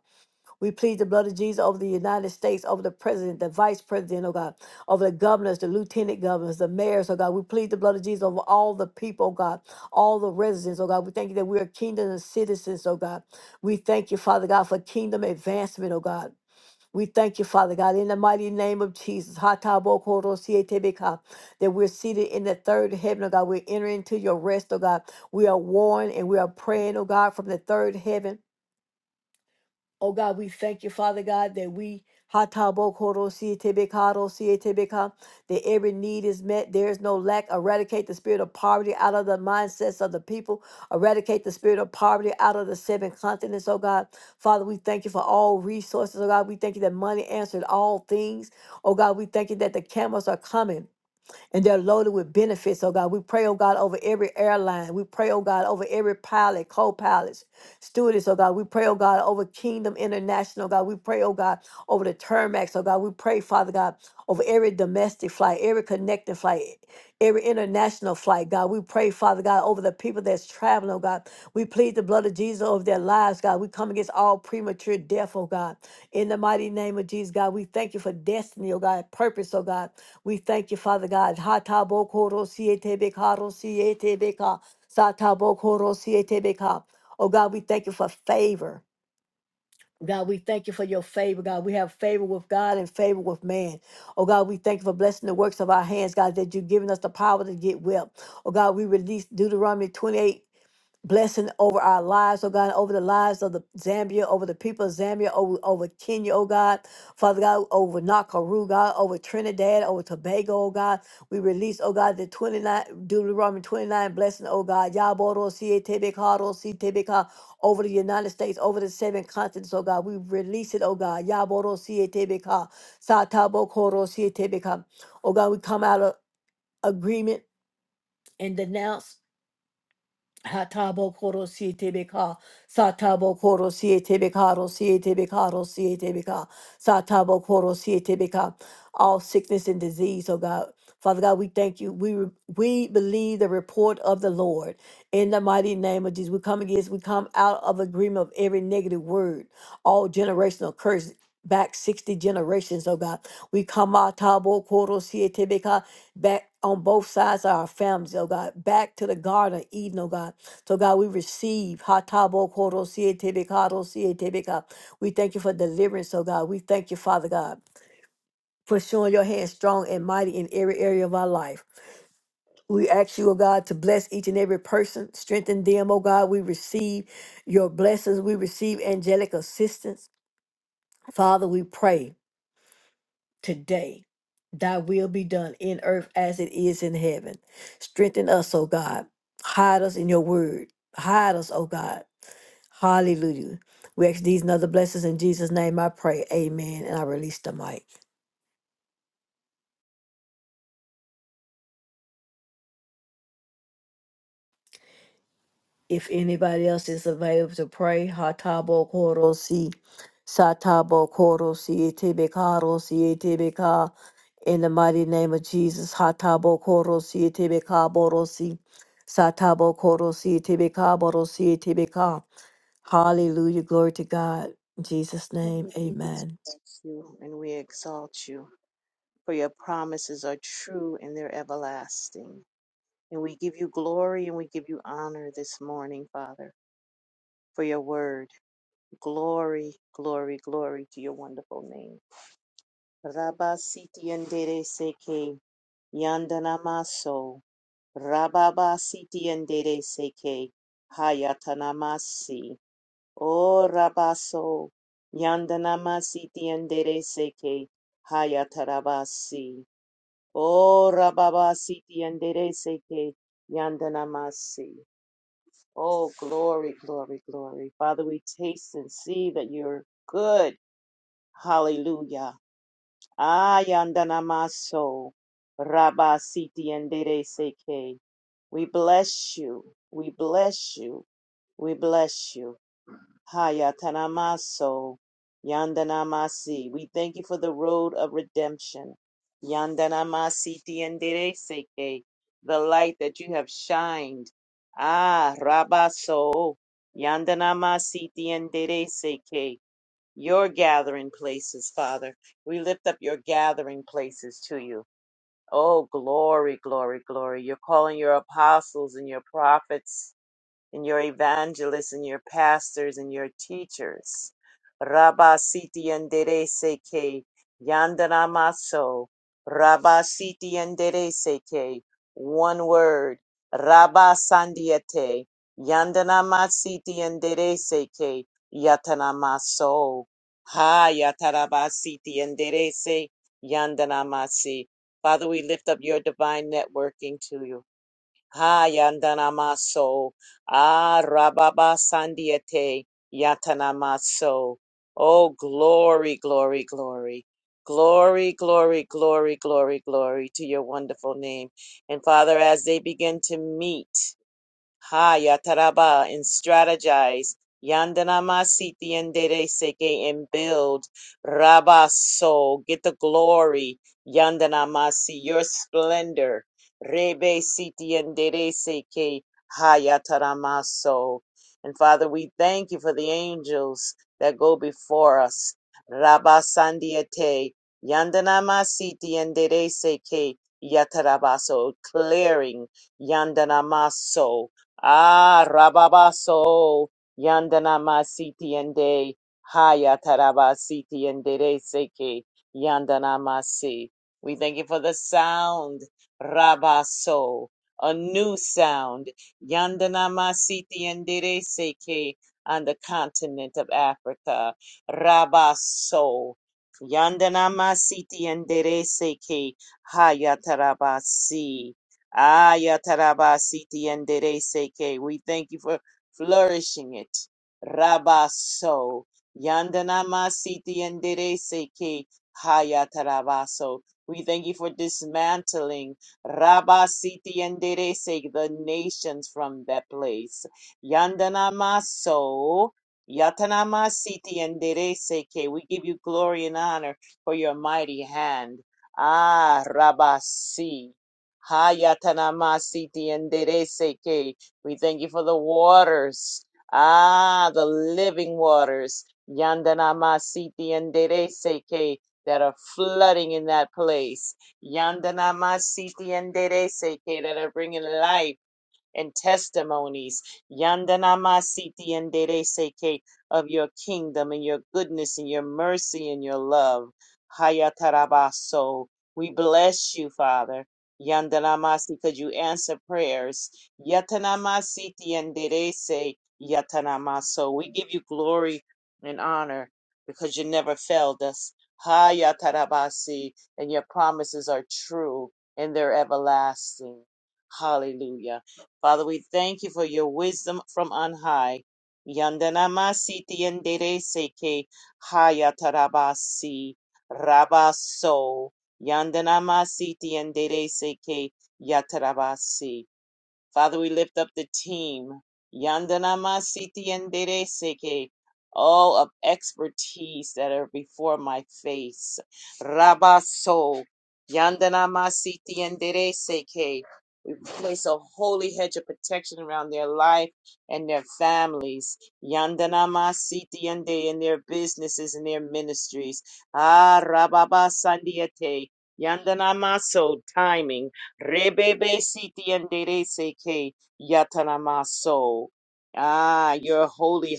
A: We plead the blood of Jesus over the United States, over the president, the vice president, oh God, over the governors, the lieutenant governors, the mayors, oh God. We plead the blood of Jesus over all the people, oh God, all the residents, oh God. We thank you that we are kingdom and citizens, oh God. We thank you, Father God, for kingdom advancement, oh God. We thank you, Father God, in the mighty name of Jesus. Hatabokorosietebeka, That we're seated in the third heaven, oh God. We're entering into your rest, oh God. We are warned and we are praying, oh God, from the third heaven. Oh God, we thank you, Father God, that we that every need is met. There is no lack. Eradicate the spirit of poverty out of the mindsets of the people. Eradicate the spirit of poverty out of the seven continents, oh God. Father, we thank you for all resources, oh God. We thank you that money answered all things. Oh God, we thank you that the camels are coming and they're loaded with benefits, oh God. We pray, oh God, over every airline. We pray, oh God, over every pilot, co pilots, stewardess, oh God. We pray, oh God, over Kingdom International, oh God. We pray, oh God, over the Termax, oh God. We pray, Father God, over every domestic flight, every connecting flight, every international flight, God. We pray, Father God, over the people that's traveling, oh God. We plead the blood of Jesus over their lives, God. We come against all premature death, oh God. In the mighty name of Jesus, God, we thank you for destiny, oh God, purpose, oh God. We thank you, Father God. Hatabokoro sietebeka, rosietebeka, Satabokoro sietebeka. Oh God, we thank you for favor. God, we thank you for your favor, God. We have favor with God and favor with man. Oh God, we thank you for blessing the works of our hands, God, that you've given us the power to get well. Oh God, we release Deuteronomy 28 blessing over our lives, oh God, over the lives of the Zambia, over the people of Zambia, over, over Kenya, oh God, Father God, over Nakuru, God, over Trinidad, over Tobago, oh God. We release, oh God, the 29, Deuteronomy 29 blessing, oh God, Yaboro, Sietebekaro, Sietebeka, over the United States, over the seven continents, oh God. We release it, oh God, Yaboro, Sietebeka, Satabo, Koro, Sietebeka. Oh God, we come out of agreement and denounce Hatabo koro siete beka, satabo koro siete beka, ro siete beka, ro siete beka, satabo koro siete beka. All sickness and disease, oh God. Father God, we thank you. We re- we believe the report of the Lord. In the mighty name of Jesus, we come against, we come out of agreement of every negative word, all generational curse back 60 generations, oh God. We come out tabo koro siete beka, back on both sides of our families, oh God, back to the Garden of Eden, oh God so God, we receive. Hatabo koro siye tebe karo siye tebe ka. ro si e te be ka. We thank you for deliverance, oh God. We thank you, Father God, for showing your hand strong and mighty in every area of our life. We ask you, oh God, to bless each and every person, strengthen them, oh God. We receive your blessings. We receive angelic assistance. Father, we pray today. Thy will be done in earth as it is in heaven. Strengthen us, oh God. Hide us in your word. Hide us, oh God Hallelujah. We ask these and other blessings in Jesus' name. I pray. Amen. And I release the mic. If anybody else is available to pray, Hatabo Korosi, Satabo Korosi, Etebekarosi, Etebeka, in the mighty name of Jesus, Hatabo Korosi, Etebeka Borosi, Satabo Korosi, Etebeka Borosi, Etebeka. Hallelujah. Glory to God. In Jesus'
B: Lord,
A: name,
B: we
A: amen.
B: Bless you and we exalt you, for your promises are true and they're everlasting. And we give you glory and we give you honor this morning, Father, for your word. Glory, glory, glory to your wonderful name. Rabba siti endere seke, yandanamaso. Rababa siti endere seke, hayatanamasi. O Rabaso, Yandanama Siti Andere Seke, Hayatarabasi. O Rababa Siti Andere Seke, Yandanamasi. Oh, glory, glory, glory. Father, we taste and see that you're good. Hallelujah. Ah, Yandanamaso, Rabba Siti Andere Seke. We bless you. We bless you. We bless you. Hayatanamaso Yandanamasi. We thank you for the road of redemption. Yandanamasi Tiendereseke, the light that you have shined. Ah, Rabaso Yandanamasi Tiendereseke, your gathering places, Father. We lift up your gathering places to you. Oh, glory, glory, glory. You're calling your apostles and your prophets and your evangelists and your pastors and your teachers. Rabba siti yandere seke yandana maso. Rabba siti yandere seke. One word. Rabba sandiete yandana masiti yandere seke yatana maso. Ha yatarabasiti siti se yandana masi. Father, we lift up your divine networking to you. Hayandanamaso. Ah, Rababa sandiete Yatanamaso. Oh, glory, glory, glory. Glory, glory, glory, glory, glory to your wonderful name. And Father, as they begin to meet, Hayataraba and strategize. Yandanama siti yandere seke and build. Rabaso, get the glory. Yandanamasi, your splendor. Rebe siti yandere seke hayataramaso. And Father, we thank you for the angels that go before us. Rabasandiate, Yandanama siti yandere seke yatarabaso, clearing Yandanamaso. Ah, Rababaso, Yandanama Siti and Haya Taraba Siti and Seke, Yandanama Si. We thank you for the sound, Rabaso, a new sound, Yandanama Siti and Seke, on the continent of Africa, Rabaso. Yandanama Siti and Seke, Haya Taraba Si. Ayatarabasiti yendere seke. We thank you for flourishing it. Rabaso. Yandanamasiti yendere seke. Hayatarabaso. We thank you for dismantling Rabasiti yendere seke, the nations from that place. Yandanamaso. Yatanamasiti yendere seke. We give you glory and honor for your mighty hand. Ah, Rabasi. Hayatanamasiti and Dereseke. We thank you for the waters. Ah, the living waters. Yandanamasiti and Dereseke that are flooding in that place. Yandanamasiti and Dereseke that are bringing life and testimonies. Yandanamasiti and Dereseke of your kingdom and your goodness and your mercy and your love. Hayatarabaso. We bless you, Father. Yandanamasi, because you answer prayers. Yatanamasiti and Derese Yatanamaso. We give you glory and honor because you never failed us. Hayatarabasi, and your promises are true and they're everlasting. Hallelujah. Father, we thank you for your wisdom from on high. Yandanama siti yandere seke hayatarabasi rabaso. Yandanama siti yandere seke yatarabasi. Father, we lift up the team. Yandanama Siti and Seke, all of expertise that are before my face. Rabaso. Yandanama Siti and Seke. We place a holy hedge of protection around their life and their families. Yandanama Siti and Dede and their businesses and their ministries. Ah Rababa Sandiate. Yandanama so timing. Rebebe siti and derese ke yatanamaso. Ah, you're holy,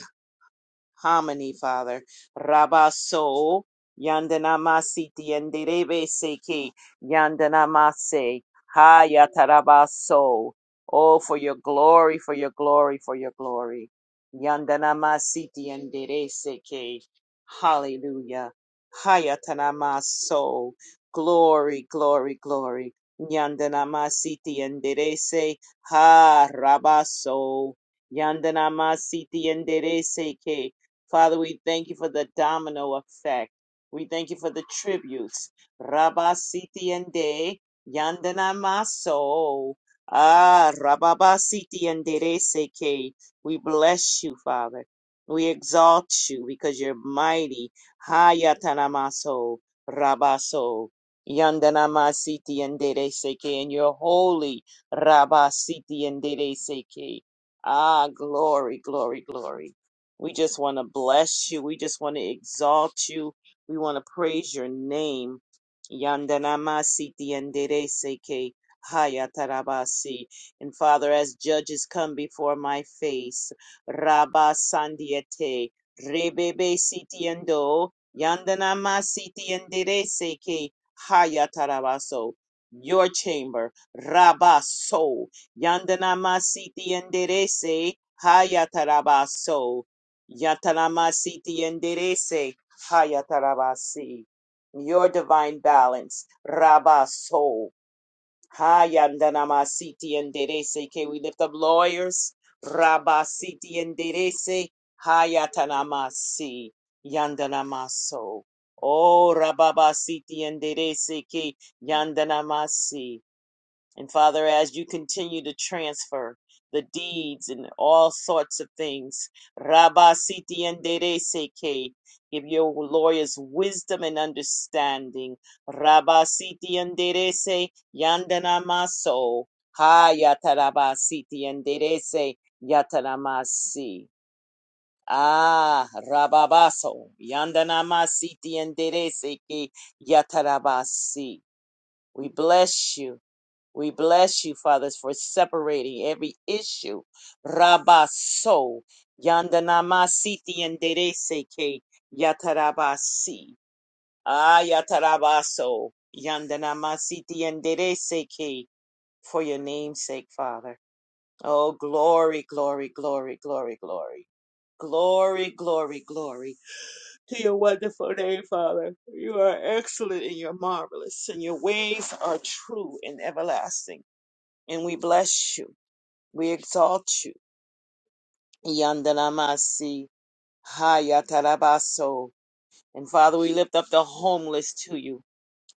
B: harmony, Father. Rabaso, yandanamasi tienderebe seki, yandanamase, hayatarabaso. Oh, for your glory, for your glory, for your glory. yandana masiti tiendere seki. Hallelujah. Hayatanamaso. Glory, glory, glory. Yandanamasi tiendere se, ha rabaso. Yandana masiti tiendere seki. Father, we thank you for the domino effect. We thank you for the tributes. Rabba Siti and De Yandana Maso. Ah, Rababa Siti and Dere Seke. We bless you, Father. We exalt you because you're mighty. Hayatana Maso. Rabaso. Yandana Masiti and Dere Seke. And you're holy. Rabba Siti and Dere Seke. Ah, glory, glory, glory. We just want to bless you. We just want to exalt you. We want to praise your name. Yandanamasi diandereseke hayatarabasi. And Father, as judges come before my face, Rabba Sandiete, Rebebe Sitiendo, Yandanamasi diandereseke hayatarabaso. Your chamber, Rabba So, Yandanamasi dianderese hayatarabaso. Yatanamasiti yenderese hayatarabasi. Your divine balance, rabaso. Hayandanamasiti yenderese. Can we lift up lawyers? Rabasiti yenderese hayatanamasi. Yandanamaso. Oh, rababasiti yenderese ke yandanamasi. And Father, as you continue to transfer the deeds and all sorts of things, Rabba Siti Andere Seke, give your lawyers wisdom and understanding. Rabba Siti Andere Se, Yandana Maso, Ha Yataraba Siti Andere Se, Yataramasi. Ah, Rababaso, Yandanama Siti Andere Seke, Yatarabasi. We bless you. We bless you, fathers, for separating every issue. Rabaso, Yandanamasi and Dereseke, Yatarabasi. Ah, Yatarabaso, Yandanamasi and Dereseke, for your name's sake, Father. Oh, glory, glory, glory, glory, glory. Glory, glory, glory to your wonderful name, Father. You are excellent and you're marvelous, and your ways are true and everlasting and we bless you. We exalt you. Yandanamasi Hayatarabaso. And Father, we lift up the homeless to you.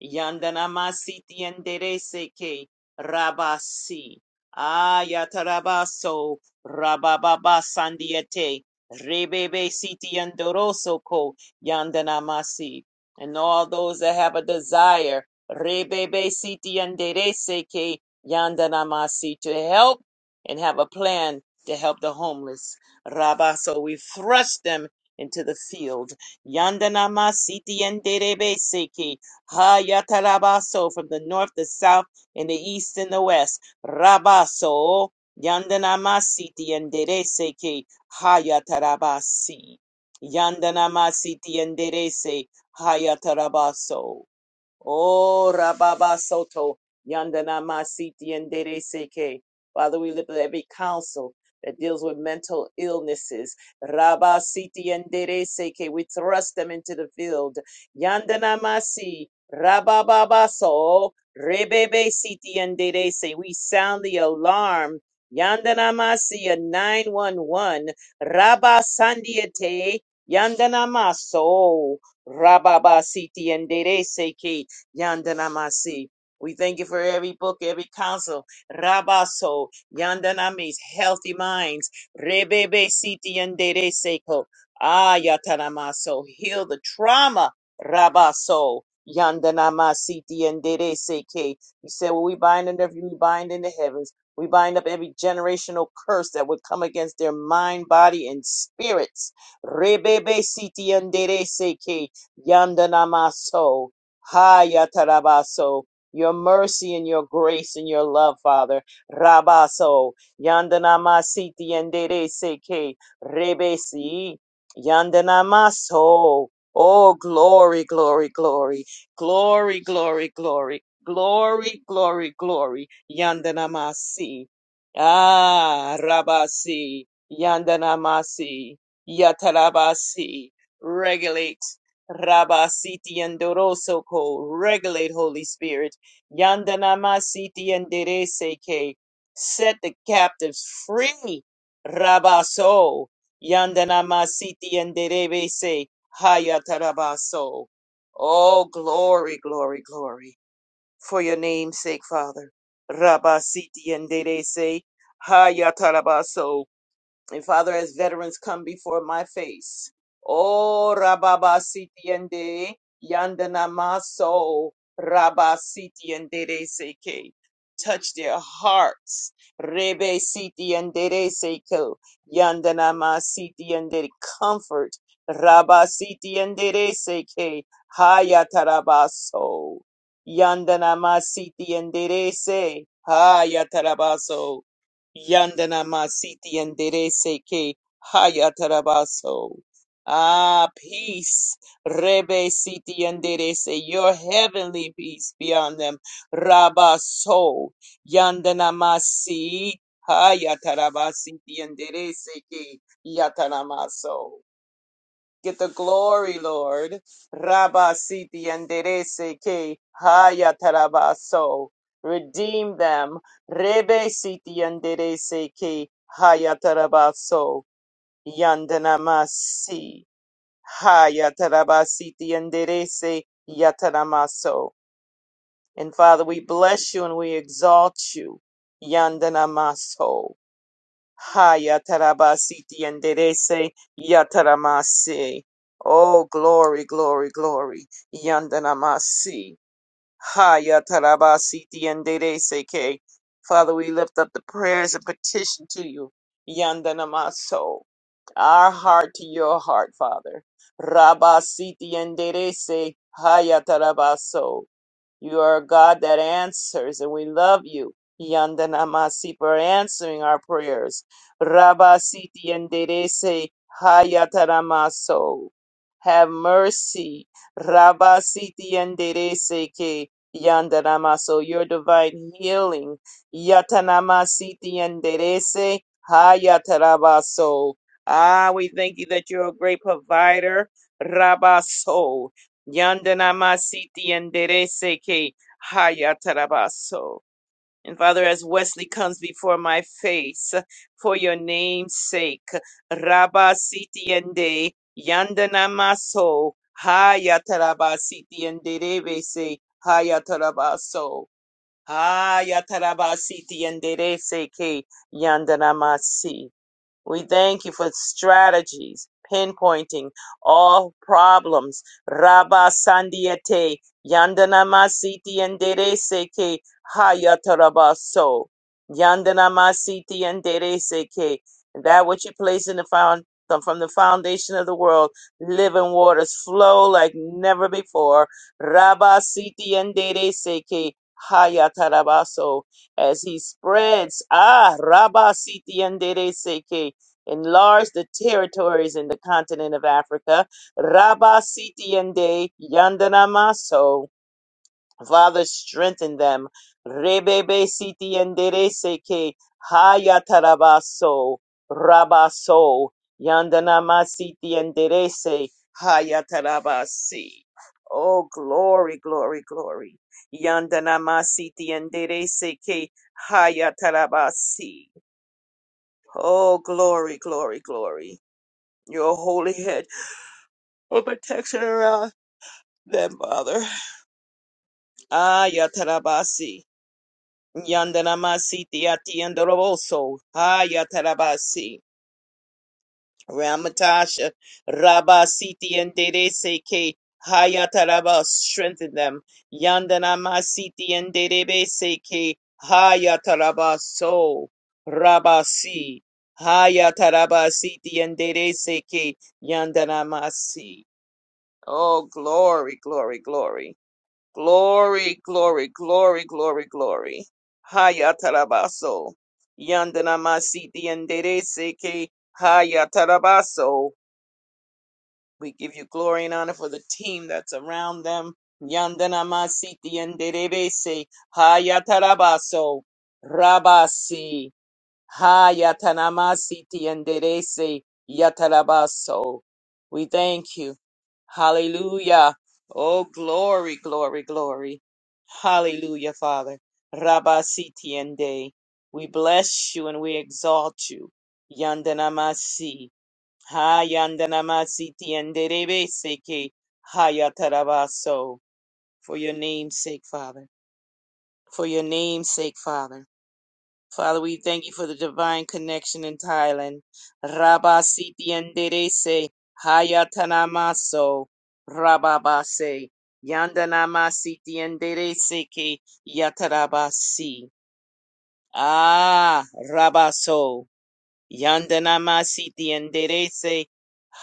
B: Yandana masiti enderece que rabasi. Ayatarabaso rabababa sandiete. Rebebe siti andoroso ko yandana masi. And all those that have a desire, rebebe siti enderece que yandana masi to help and have a plan to help the homeless. Rabaso, we thrust them into the field. Yandana masiti seke. Hayatarabaso from the north, the south, and the east and the west. Rabaso Yandanamasi Yanderese ke Hayatarabasi. Yandanamasiti Yanderese Hayatarabaso. Oh, Rababa Soto, Yandana Masiti and Dede Seke. Father, we lift up every counsel that deals with mental illnesses. Rabba Siti and Dede Seke. We thrust them into the field. Yandana Masi, Rababa So, Rebebe Siti and Dede Se. We sound the alarm. Yandana Masi a 911. Rabba Sandiate. Yandana Maso. Rababa Siti and Dede Seke. Yandanamasi. We thank you for every book, every counsel. Rabaso, Yandanamis, healthy minds. Rebebe siti yandere seko. Ah, Yatanamaso, heal the trauma. Rabaso, Yandanamasiti yandere seke. We said, well, we bind in the earth, we bind in the heavens. We bind up every generational curse that would come against their mind, body, and spirits. Rebebe siti yandere seke. Yandanamaso. Hayatarabaso. Your mercy and your grace and your love, Father. Rabaso. Yandanamasiti yandere seke rebesi. Yandanamaso. Oh, oh, glory, glory, glory. Glory, glory, glory. Glory, glory, glory. Yandanamasi. Ah, Rabasi. Yandanamasi. Yatarabasi. Regulate. Rabba Siti and Doroso Ko, regulate Holy Spirit. Yandanama Siti and Derese Ke, set the captives free. Rabba So, Yandanama Siti and Derese, Hayatarabaso. Oh, glory, glory, glory, for your name's sake, Father. Rabba Siti and Derese, Hayatarabaso. And Father, as veterans come before my face, oh Rababa Sitiende, Yandana Maso, Rabba Sitiende Seke, touch their hearts, Rebe Sitiende Seko, Yandana Ma Sitiende, comfort, Rabba Sitiende Seke, Hayatarabaso, Yandana Ma Sitiende Se, Hayatarabaso. Yandana Masiti and Dereseke Hayatarabaso. Ah, peace. Rebe Siti andere se. your heavenly peace beyond them. Rabaso. Yandana Masi Hayatarabasiti and Dereseke Yataramaso. Get the glory, Lord. Rabba siti anderese ke haya tarabaso. Redeem them. Rebe siti anderese ke haya tarabaso. Yandanamasi. Haya tarabasiti anderese yataramaso. And Father, we bless you and we exalt you. Yandanamaso. Hayatarabasiti Yanderese Yataramasi. Oh, glory, glory, glory. Yandanamasi. Hayatarabasiti Yanderese Ke. Father, we lift up the prayers and petition to you. Yandanamaso. Our heart to your heart, Father. Rabasiti Yanderese Hayatarabaso. You are a God that answers, and we love you. Yanda namasi for answering our prayers. Rabba siti enderece hayataramaso. Have mercy. Rabba siti enderece que yanda namaso. Your divine healing. Yatanamasiti enderece hayatarabaso. Ah, we thank you that you're a great provider. Rabaso. Yandanamasiti enderece que hayatarabaso. And Father, as Wesley comes before my face, for your name's sake, Rabba siti ende, yandanamaso, hayatarabasiti enderece, hayatarabaso, hayatarabasiti enderece que yandanamasi. We thank you for strategies, pinpointing all problems. Rabba Sandiete, Yandanamasiti and Dereseke, Hayatarabaso. Yandanamasiti and Dereseke. That which you place in the found from the foundation of the world, living waters flow like never before. Rabba Siti and Dereseke. Hayatarabaso as he spreads ah Rabba Siti and Dereseke enlarged the territories in the continent of Africa. Rabba Sitiende Yandanamaso. Father, strengthen them. Rebebe Sitiendere Seke Hayatarabaso Rabaso Yandanama se Hayatarabasi. Oh, glory, glory, glory. Yandanama Sitiendere Seke Hayatarabasi. Oh, glory, glory, glory your holy head of protection around them, Father. Ah, Yatarabasi. Yandanamasi Tiati and Roboso. Ah, Yatarabasi. Ramatasha. Rabasiti and Dereseke. Hayataraba. Strengthen them. Yandanamasiti and Derebeseke. Hayatarabaso. Rabasi. Hayatarabasiti and Dereseke. Yandanamasi. Oh, glory, glory, glory. Glory, glory, glory, glory, glory. Haya tarabaso. Yandana masiti enderece que haya tarabaso. We give you glory and honor for the team that's around them. Yandana masiti andere se. haya tarabaso. Rabasi. Ha yatanamasiti enderese yatarabaso. We thank you. Hallelujah. Oh, glory, glory, glory. Hallelujah, Father. Rabasiti ende. We bless you and we exalt you. Yandanamasi. Ha yandanamasiti enderebese ke. Ha yatarabaso. For your name's sake, Father. For your name's sake, Father. Father, we thank you for the divine connection in Thailand. Rabba siti enderese hayatanamaso rababase yandanama siti enderese ke yatarabasi. Ah, rabaso yandanama siti enderese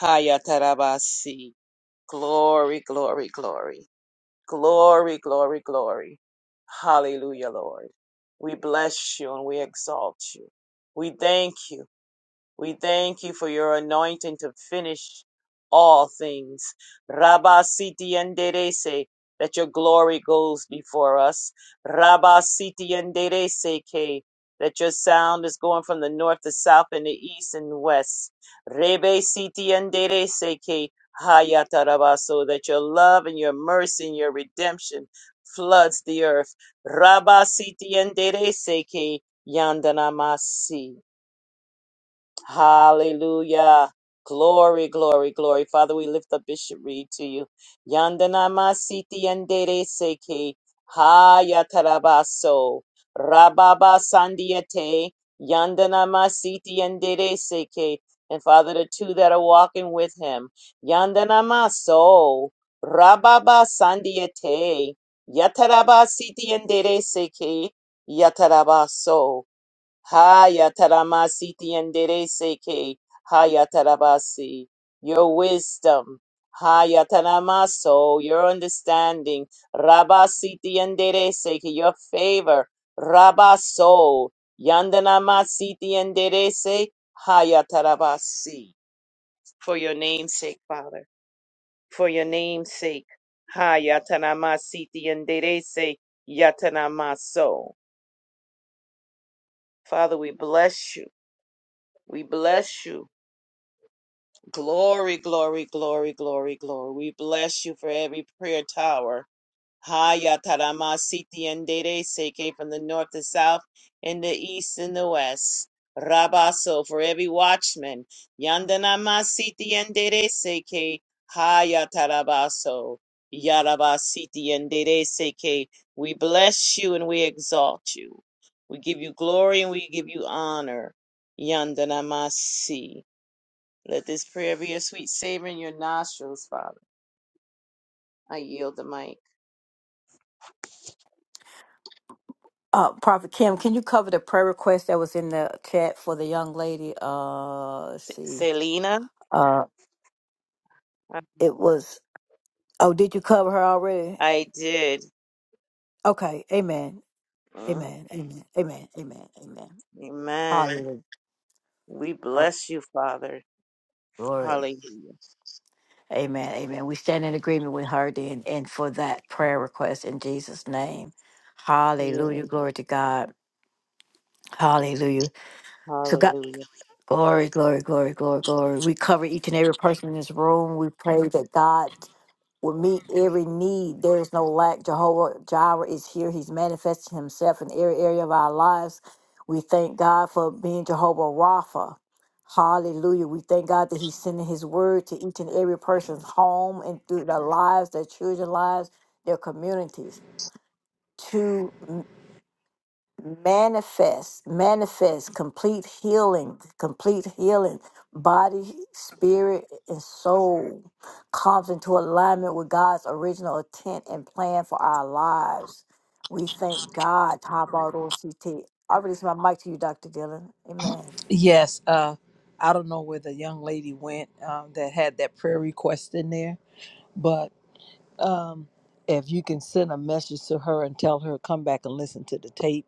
B: hayatarabasi. Glory, glory, glory. Glory, glory, glory. Hallelujah, Lord. We bless you and we exalt you. We thank you we thank you for your anointing to finish all things. Rabba Siti Enderece, that your glory goes before us. Rabba Siti Enderece, K, that your sound is going from the north to south and the east and west. Rebe Siti Enderece, K, Hayata Rabba, so that your love and your mercy and your redemption floods the earth. Rabba Siti Enderece, K, Yandanamasi. Hallelujah. Glory, glory, glory. Father, we lift up Bishop Reed to you. Yandanama siti yandere seki. Haya Rababa sandiate. Yandanama siti yandere seki. And Father, the two that are walking with him. Yandanama so. Rababa sandiate. Yataraba siti yandere seki. Yataraba so. Haya taramasiti endereseke. Haya tarabasi. Your wisdom. Haya taramaso. Your understanding. Rabasiti endereseke. Your favor. Rabaso. Yandanamasiti enderese. Haya tarabasi. For your name's sake, Father. For your name's sake. Haya taramasiti enderese. Yatanamaso. Father, we bless you. We bless you. Glory, glory, glory, glory, glory. We bless you for every prayer tower. Haya tarama siti and dere seke from the north, the south, and the east, and the west. Rabaso for every watchman. Yandanama siti and dere seke. Haya tarabaso. Yaraba siti and dere seke. We bless you and we exalt you. We give you glory and we give you honor. Yandanamasi. Let this prayer be a sweet savor in your nostrils, Father. I yield the mic.
A: Uh, Prophet Kim, can you cover the prayer request that was in the chat for the young lady? Uh, let's see.
B: Selena,
A: Uh,
B: I
A: it was. Oh, did you cover her already?
B: I did.
A: Okay. Amen.
B: Mm,
A: Amen. Amen. Amen. Amen. Amen.
B: Amen.
A: Hallelujah.
B: We
A: Oh,
B: bless you, Father.
A: glory.
B: Hallelujah.
A: Amen. Amen. We stand in agreement with her then, and for that prayer request in Jesus' name.
B: Yeah.
A: Hallelujah. Glory to God. Hallelujah. So God,
B: Hallelujah.
A: glory, glory, glory, glory, glory. We cover each and every person in this room. We pray that God will meet every need. There is no lack. Jehovah Jireh is here. He's manifesting himself in every area of our lives. We thank God for being Jehovah Rapha. Hallelujah. We thank God that He's sending His word to each and every person's home and through their lives, their children's lives, their communities. To manifest, manifest complete healing, complete healing, body, spirit, and soul comes into alignment with God's original intent and plan for our lives. We thank God. Top CT. I release my mic to you, Dr. Dillon. Amen.
C: Yes, uh, I don't know where the young lady went um, that had that prayer request in there, but um, if you can send a message to her and tell her come back and listen to the tape,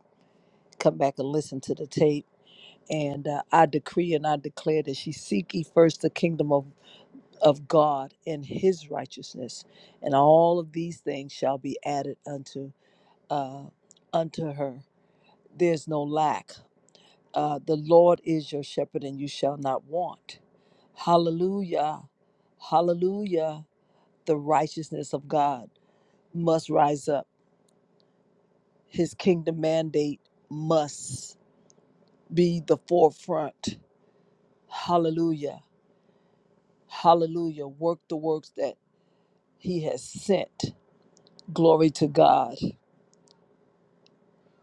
C: come back and listen to the tape, and uh, I decree and I declare that she seek ye first the kingdom of of God and His righteousness, and all of these things shall be added unto uh, unto her. There's no lack Uh, the Lord is your shepherd, and you shall not want. Hallelujah. Hallelujah. The righteousness of God must rise up. His kingdom mandate must be the forefront. Hallelujah. Hallelujah. Work the works that he has sent. Glory to God.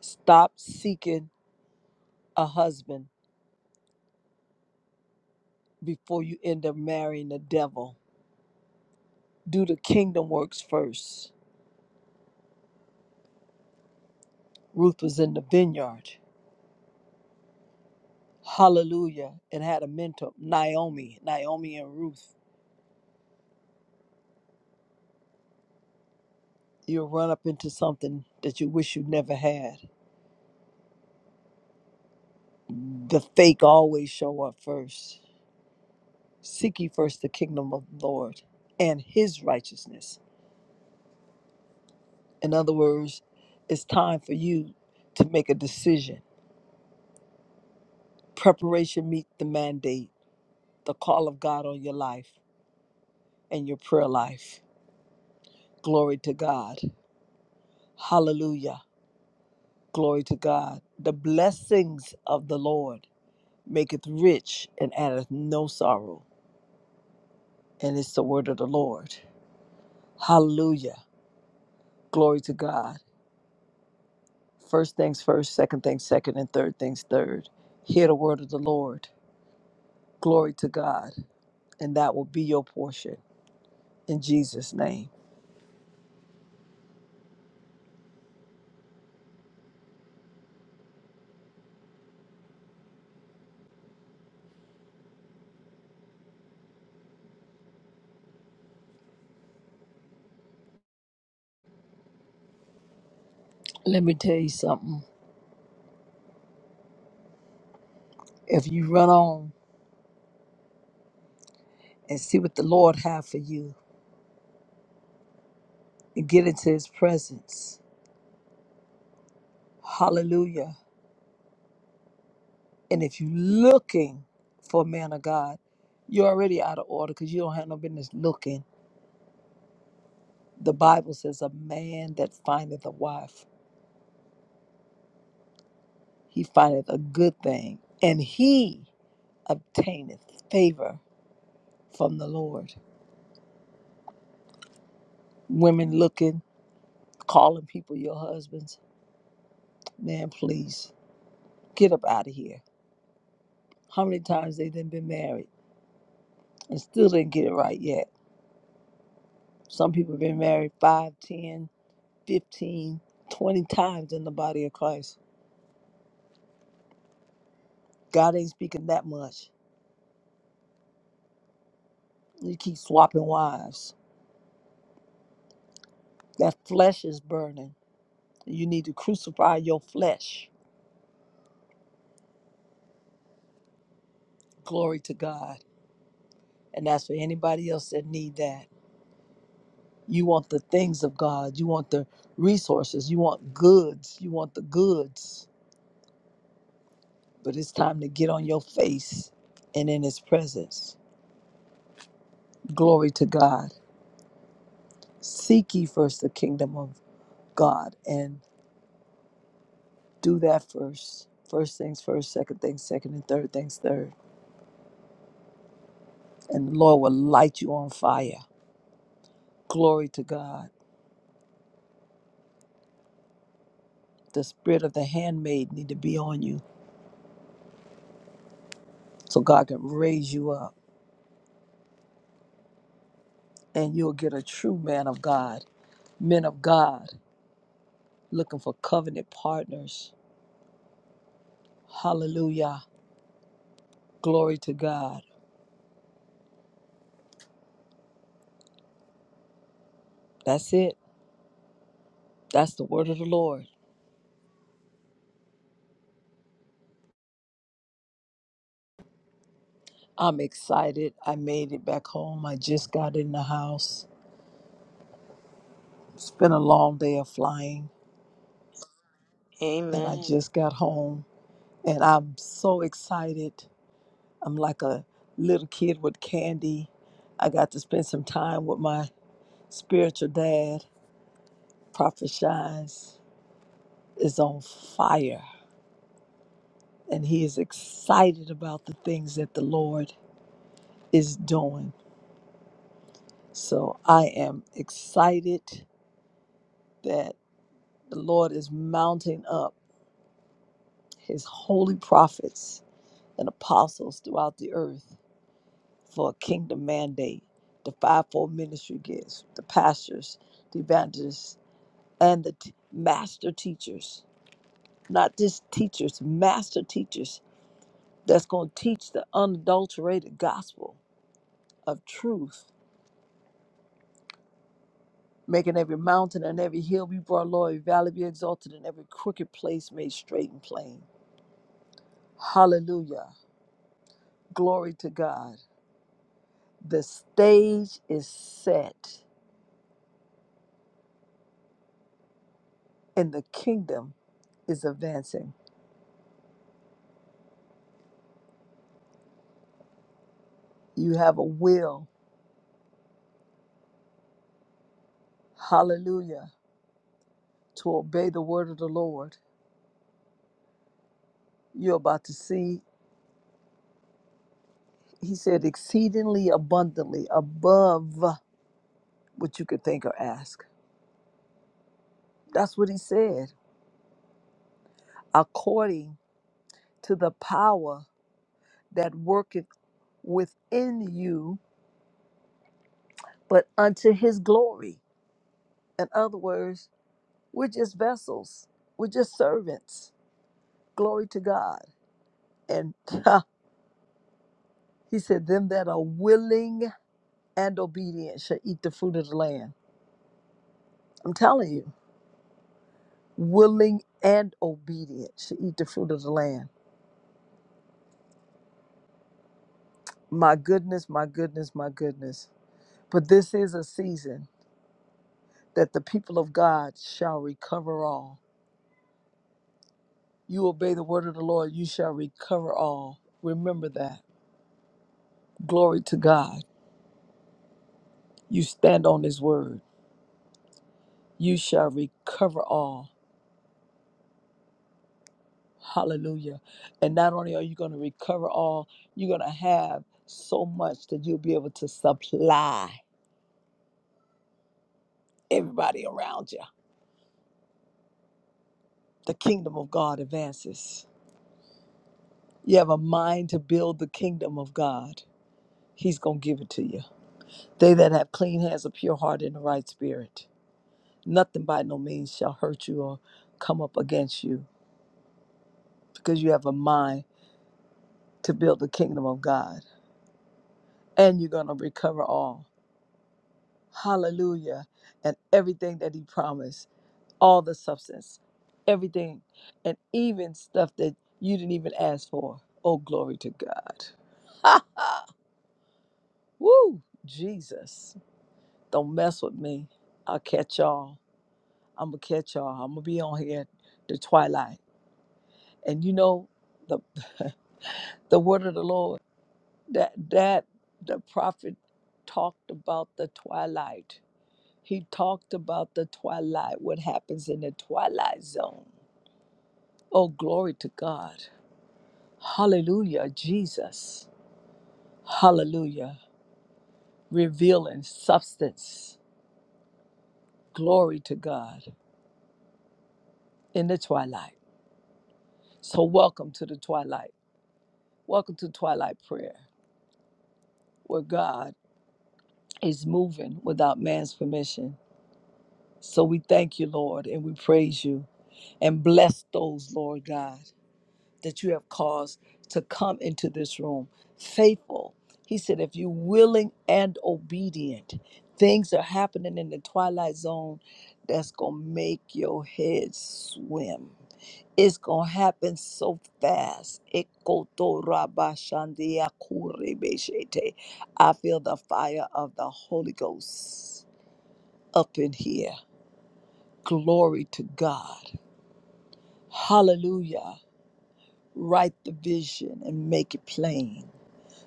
C: Stop seeking a husband before you end up marrying the devil. Do the kingdom works first. Ruth was in the vineyard. Hallelujah. And had a mentor, Naomi, Naomi and Ruth. You'll run up into something that you wish you never had. The fake always show up first. Seek ye first the kingdom of the Lord and his righteousness. In other words, it's time for you to make a decision. Preparation meet the mandate, the call of God on your life and your prayer life. Glory to God. Hallelujah. Glory to God. The blessings of the Lord maketh rich and addeth no sorrow. And it's the word of the Lord. Hallelujah. Glory to God. First things first, second things second, and third things third. Hear the word of the Lord. Glory to God. And that will be your portion in Jesus' name. Let me tell you something. If you run on and see what the Lord have for you and get into his presence, hallelujah. And if you're looking for a man of God, you're already out of order because you don't have no business looking The Bible says, A man that findeth a wife, he findeth a good thing, and he obtaineth favor from the Lord. Women looking, calling people your husbands. Man, please get up out of here. How many times they done been married and still didn't get it right yet? Some people been married 5, 10, 15, 20 times in the body of Christ. God ain't speaking that much. You keep swapping wives. That flesh is burning You need to crucify your flesh. Glory to God. And that's for anybody else that need that. You want the things of God. You want the resources. You want goods. You want the goods. But it's time to get on your face and in his presence. Glory to God. Seek ye first the kingdom of God and do that first. First things first, second things second, and third things third. And the Lord will light you on fire. Glory to God. The spirit of the handmaid need to be on you so God can raise you up and you'll get a true man of God, men of God looking for covenant partners. Hallelujah. Glory to God. That's it. That's the word of the Lord. I'm excited. I made it back home. I just got in the house. It's been a long day of flying and I
B: Amen.
C: just got home and I'm so excited. I'm like a little kid with candy. I got to spend some time with my spiritual dad, Prophet Shines is on fire and he is excited about the things that the Lord is doing. So I am excited that the Lord is mounting up his holy prophets and apostles throughout the earth for a kingdom mandate. The fivefold ministry gifts, the pastors, the evangelists, and the t- master teachers. Not just teachers, master teachers that's going to teach the unadulterated gospel of truth making every mountain and every hill be brought low, every valley be exalted, and every crooked place made straight and plain. Hallelujah. Glory to God. The stage is set and the kingdom is advancing. You have a will, hallelujah, to obey the word of the Lord. You're about to see, he said, exceedingly abundantly above what you could think or ask. That's what he said, according to the power that worketh within you, but unto his glory. In other words, we're just vessels, we're just servants. Glory to God. And he said, Them that are willing and obedient shall eat the fruit of the land. I'm telling you, willing and obedient shall eat the fruit of the land. My goodness, my goodness, my goodness. But this is a season that the people of God shall recover all. You obey the word of the Lord, you shall recover all. Remember that Glory to God. You stand on his word. You shall recover all. Hallelujah. And not only are you going to recover all, you're going to have so much that you'll be able to supply everybody around you. The kingdom of God advances. You have a mind to build the kingdom of God. He's going to give it to you. They that have clean hands, a pure heart, and a right spirit, nothing by no means shall hurt you or come up against you because you have a mind to build the kingdom of God. and you're going to recover all. Hallelujah. And everything that he promised, all the substance, everything, and even stuff that you didn't even ask for. Oh, glory to God. Woo, Jesus. Don't mess with me. I'll catch y'all. I'm going to catch y'all. I'm going to be on here the twilight. And you know, the, the word of the Lord, that, that the prophet talked about the twilight. He talked about the twilight, what happens in the twilight zone. Oh, glory to God. Hallelujah, Jesus. Hallelujah. Revealing substance. Glory to God in the twilight. So, welcome to the twilight. Welcome to twilight prayer, where God is moving without man's permission. So, we thank you, Lord, and we praise you and bless those, Lord God. that you have caused to come into this room faithful. He said, if you're willing and obedient, things are happening in the twilight zone that's going to make your head swim. It's going to happen so fast. Ekotorabashandiakurebeshete. I feel the fire of the Holy Ghost up in here. Glory to God. Hallelujah. Write the vision and make it plain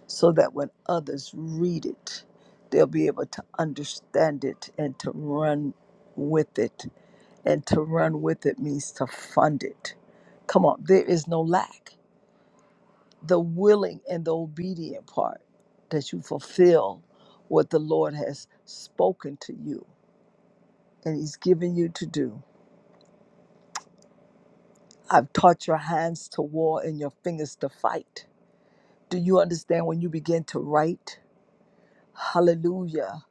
C: so that when others read it, they'll be able to understand it and to run with it. And to run with it means to fund it. Come on, there is no lack. The willing and the obedient part that you fulfill what the Lord has spoken to you and He's given you to do. I've taught your hands to war and your fingers to fight. Do you understand when you begin to write? Hallelujah.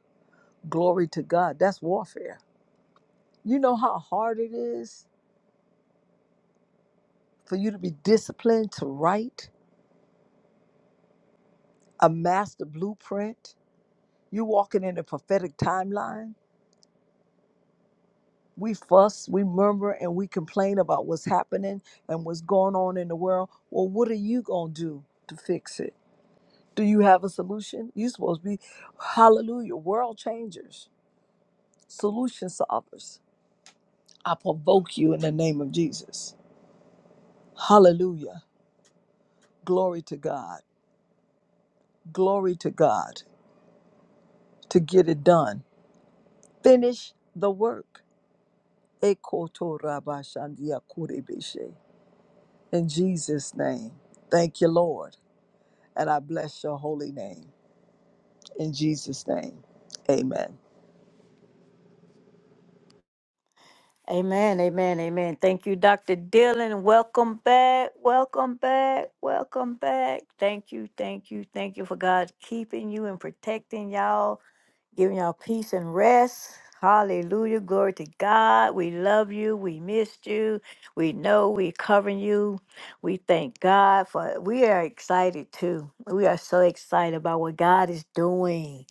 C: Glory to God. That's warfare You know how hard it is for you to be disciplined to write a master blueprint? you walking in a prophetic timeline. We fuss, we murmur, and we complain about what's happening and what's going on in the world. Well, what are you going to do to fix it? Do you have a solution? you are supposed to be, hallelujah, world changers, solution solvers. I provoke you in the name of Jesus. Hallelujah. Glory to God. Glory to God to get it done Finish the work. Ekotorabashandia In Jesus' name. Thank you, Lord. And I bless your holy name. In Jesus' name. Amen.
A: Amen. Amen. Amen. Thank you, Dr. Dillon. Welcome back. Welcome back. Welcome back. Thank you. Thank you. Thank you for God keeping you and protecting y'all giving y'all peace and rest. Hallelujah. Glory to God. We love you. We missed you. We know we're covering you. We thank God for we are excited too. We are so excited about what God is doing.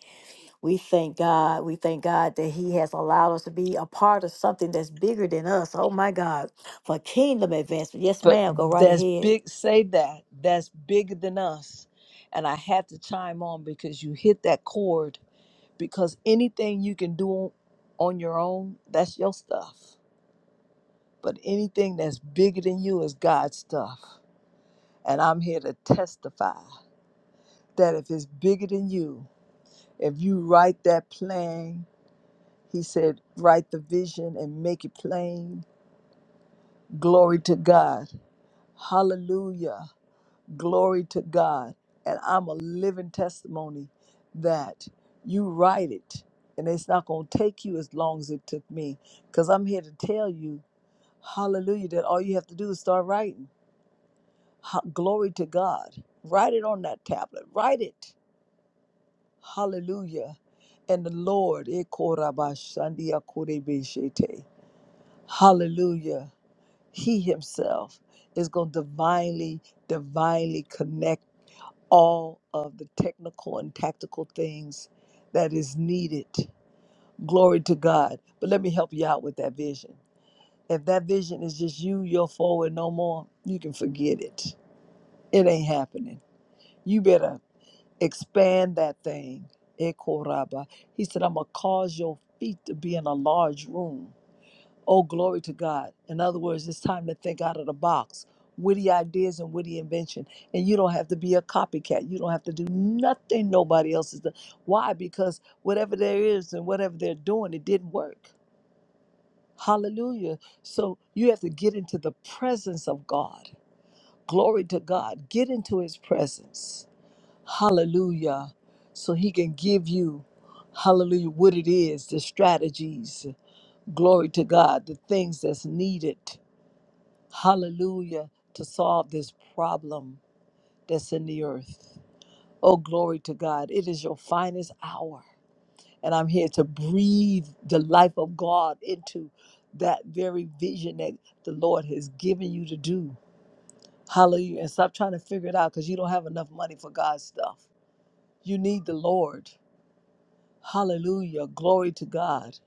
A: We thank God. We thank God that He has allowed us to be a part of something that's bigger than us. Oh my God. For kingdom advancement. Yes,
C: But
A: ma'am. Go right
C: that's
A: ahead.
C: big, say that. That's bigger than us. And I had to chime on because you hit that chord. Because anything you can do on your own, that's your stuff. But anything that's bigger than you is God's stuff. And I'm here to testify. that if it's bigger than you, if you write that plan, he said, write the vision and make it plain. Glory to God. Hallelujah. Glory to God. And I'm a living testimony that you write it and it's not going to take you as long as it took me because I'm here to tell you, hallelujah, that all you have to do is start writing. Ha- Glory to God. Write it on that tablet. Write it. Hallelujah. And the Lord, Ekorabashandiakorebeshete. hallelujah, He Himself is going to divinely, divinely connect all of the technical and tactical things that is needed. Glory to God. But let me help you out with that vision. If that vision is just you, you're forward no more, you can forget it. It ain't happening. You better expand that thing. Ekoraba. He said, I'm going to cause your feet to be in a large room. Oh, glory to God. In other words, it's time to think out of the box. Witty ideas and witty invention. And you don't have to be a copycat. You don't have to do nothing nobody else is doing. Why? Because whatever there is and whatever they're doing, it didn't work. Hallelujah. So you have to get into the presence of God. Glory to God. Get into his presence Hallelujah. So he can give you, hallelujah, what it is, the strategies, glory to God, the things that's needed, hallelujah, to solve this problem that's in the earth. Oh, glory to God. It is your finest hour. And I'm here to breathe the life of God into that very vision that the Lord has given you to do. Hallelujah. And stop trying to figure it out because you don't have enough money for God's stuff. You need the Lord. Hallelujah. Glory to God.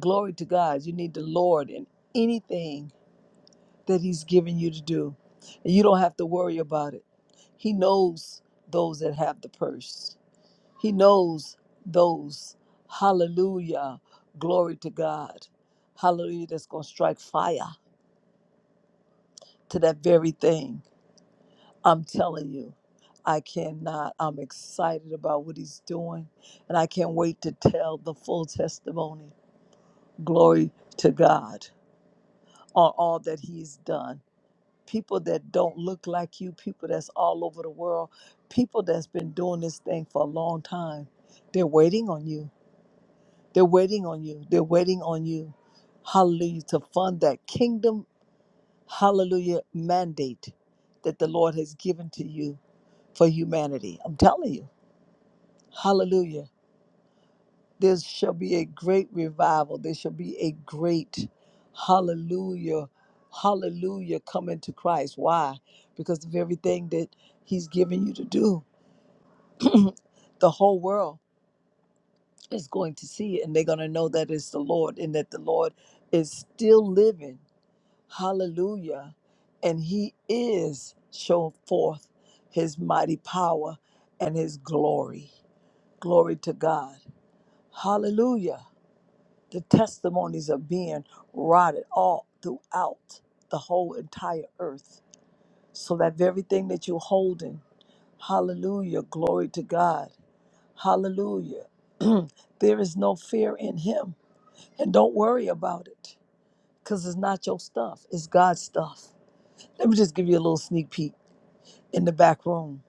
C: Glory to God. You need the Lord in anything that He's given you to do. And you don't have to worry about it. He knows those that have the purse, He knows those. Hallelujah. Glory to God. Hallelujah. That's going to strike fire to that very thing. I'm telling you. I cannot. I'm excited about what he's doing, and I can't wait to tell the full testimony. glory to God on all that He's done. People that don't look like you, people that's all over the world, people that's been doing this thing for a long time, they're waiting on you. They're waiting on you. They're waiting on you. Hallelujah. To fund that kingdom, hallelujah, mandate that the Lord has given to you for humanity. I'm telling you. Hallelujah. there shall be a great revival. There shall be a great hallelujah, hallelujah coming to Christ. Why? Because of everything that He's given you to do. The whole world is going to see it and they're going to know that it's the Lord and that the Lord is still living. Hallelujah. And He is show forth His mighty power and His glory. Glory to God. Hallelujah. The testimonies are being rotted all throughout the whole entire earth. So that everything that you're holding, hallelujah, glory to God, hallelujah. there is no fear in Him. And don't worry about it because it's not your stuff, it's God's stuff. Let me just give you a little sneak peek in the back room.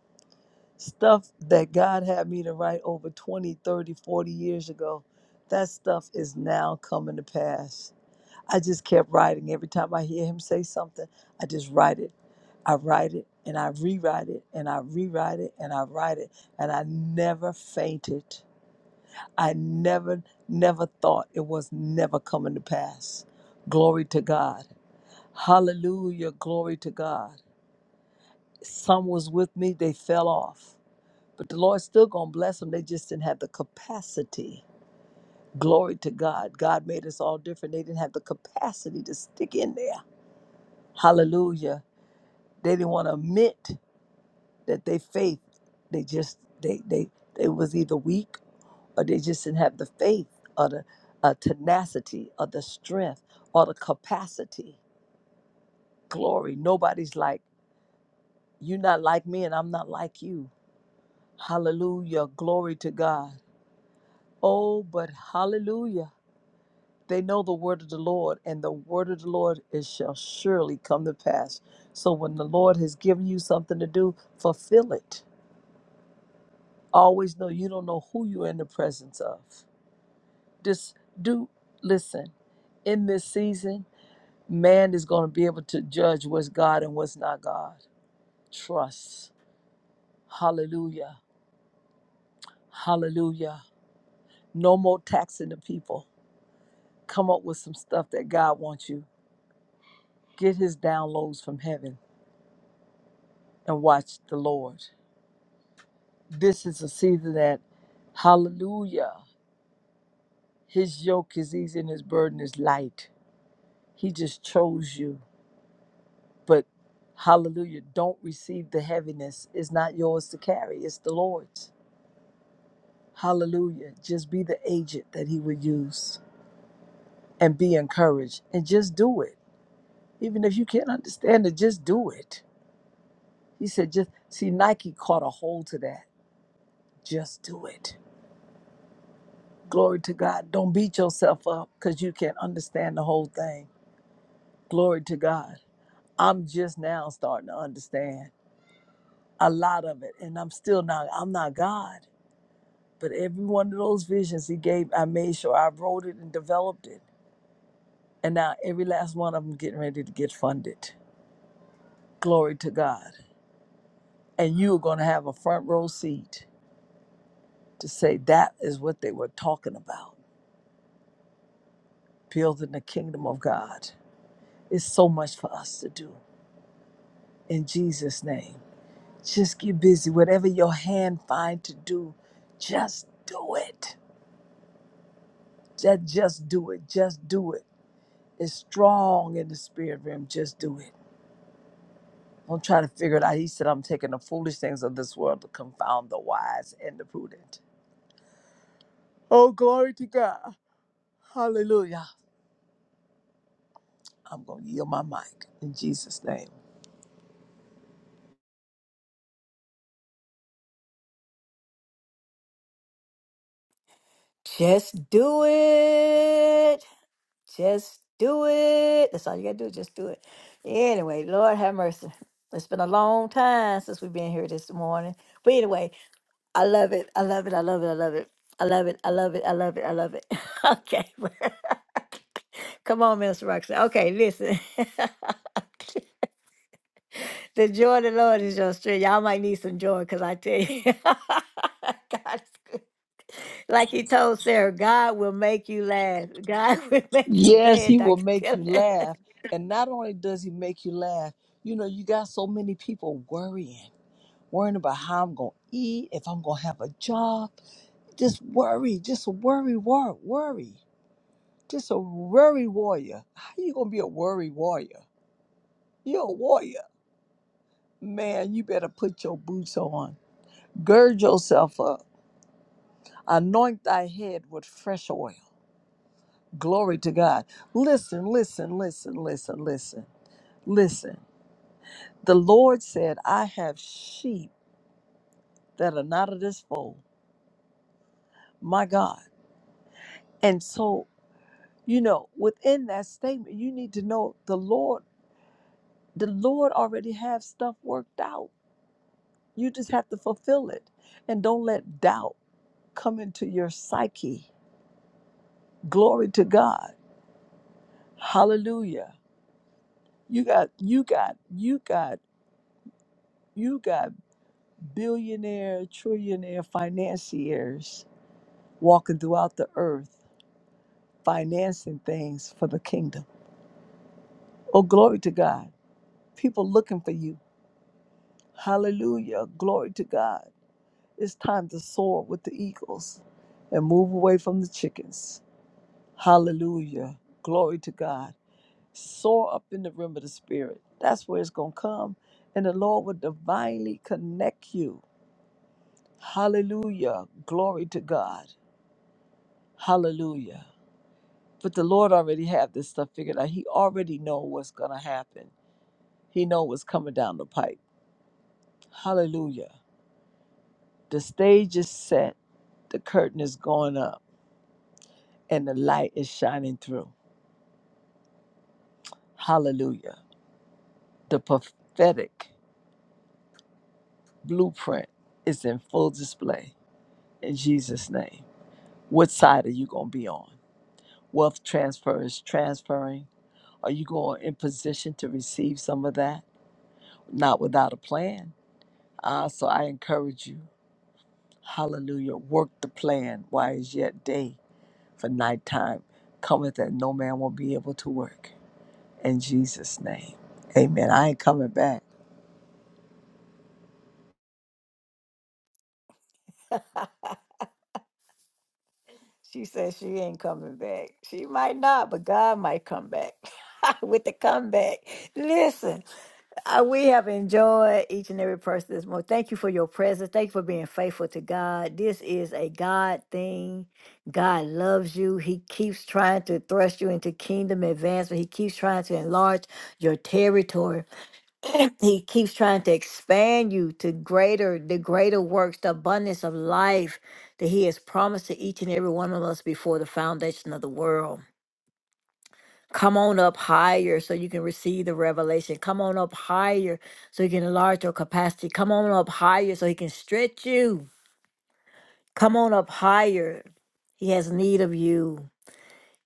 C: Stuff that God had me to write over 20, 30, 40 years ago, that stuff is now coming to pass. I just kept writing. Every time I hear him say something, I just write it. I write it and I rewrite it and I rewrite it and I write it. And I never fainted. I never, never thought it was never coming to pass. Glory to God. Hallelujah. Glory to God. Some was with me, they fell off. But the Lord's still going to bless them. They just didn't have the capacity. Glory to God. God made us all different. They didn't have the capacity to stick in there Hallelujah. They didn't want to admit that they faith, they just they they they was either weak or they just didn't have the faith or the uh, tenacity or the strength or the capacity. Glory. Nobody's like you're not like me and I'm not like you. Hallelujah. Glory to God. Oh, but hallelujah. They know the word of the Lord, and the word of the Lord it shall surely come to pass. So when the Lord has given you something to do, fulfill it Always know you don't know who you're in the presence of. Just do listen. In this season, man is going to be able to judge what's God and what's not God. Trust. Hallelujah. Hallelujah. No more taxing the people. Come up with some stuff that God wants you. Get his downloads from heaven and watch the Lord. This is a season that, hallelujah, his yoke is easy and his burden is light. He just chose you. But hallelujah, don't receive the heaviness. It's not yours to carry, it's the Lord's. Hallelujah. Just be the agent that He would use and be encouraged and just do it. Even if you can't understand it, just do it. He said, just see, Nike caught a hold to that. Just do it. Glory to God. Don't beat yourself up because you can't understand the whole thing. Glory to God. I'm just now starting to understand a lot of it, and I'm still not, I'm not God. But every one of those visions he gave, I made sure I wrote it and developed it. And now every last one of them getting ready to get funded. Glory to God. And you're going to have a front row seat to say that is what they were talking about, building the kingdom of God. It's so much for us to do. In Jesus' name, just get busy. Whatever your hand find to do, just do it. Just, just do it. Just do it. It's strong in the spirit realm. Just do it I'm trying to figure it out. He said, I'm taking the foolish things of this world to confound the wise and the prudent. Oh, glory to God. Hallelujah. I'm going to yield my mic in Jesus' name.
A: Just do it. Just do it. That's all you gotta do. Just do it. Anyway, Lord have mercy. It's been a long time since we've been here this morning. But anyway, I love it. I love it. I love it. I love it. I love it. I love it. I love it. I love it. okay. Come on, Mr. Roxanne. Okay, listen. the joy of the Lord is your strength. Y'all might need some joy because I tell you, God is good. Like he told Sarah, God will make you laugh. God will make you. Go
C: Yes,
A: ahead,
C: he will
A: Dr.
C: make
A: Dillon.
C: you laugh. And not only does he make you laugh, you know, you got so many people worrying, worrying about how I'm going to eat, if I'm going to have a job. Just worry, just worry, worry, worry. Just a worry warrior. How you going to be a worry warrior? You're a warrior. Man, you better put your boots on. Gird yourself up. Anoint thy head with fresh oil. Glory to God. Listen, listen, listen, listen, listen, listen. The Lord said, I have sheep that are not of this fold. My God. And so, you know, within that statement, you need to know the Lord, the Lord already have stuff worked out. You just have to fulfill it. And don't let doubt come into your psyche. Glory to God Hallelujah. You got you got you got you got billionaire, trillionaire financiers walking throughout the earth financing things for the kingdom. Oh glory to God. People looking for you. Hallelujah. Glory to God. It's time to soar with the eagles and move away from the chickens. Hallelujah. Glory to God. soar up in the realm of the spirit. That's where it's going to come. And the Lord will divinely connect you. Hallelujah. Glory to God. Hallelujah. But the Lord already have this stuff figured out. He already know what's going to happen. He know what's coming down the pipe. Hallelujah. The stage is set. The curtain is going up and the light is shining through. Hallelujah. The prophetic blueprint is in full display in Jesus name. What side are you going to be on? Wealth transfer is transferring. Are you going in position to receive some of that? Not without a plan. Uh, so I encourage you, hallelujah, work the plan while is yet day, for nighttime cometh that no man will be able to work. In Jesus' name, amen. I ain't coming back.
A: She said she ain't coming back. She might not, but God might come back with the comeback. Listen, uh, we have enjoyed each and every person this morning. Thank you for your presence. Thank you for being faithful to God. This is a God thing. God loves you. He keeps trying to thrust you into kingdom advancement. He keeps trying to enlarge your territory he keeps trying to expand you to greater the greater works the abundance of life that he has promised to each and every one of us before the foundation of the world come on up higher so you can receive the revelation come on up higher so you can enlarge your capacity come on up higher so he can stretch you come on up higher he has need of you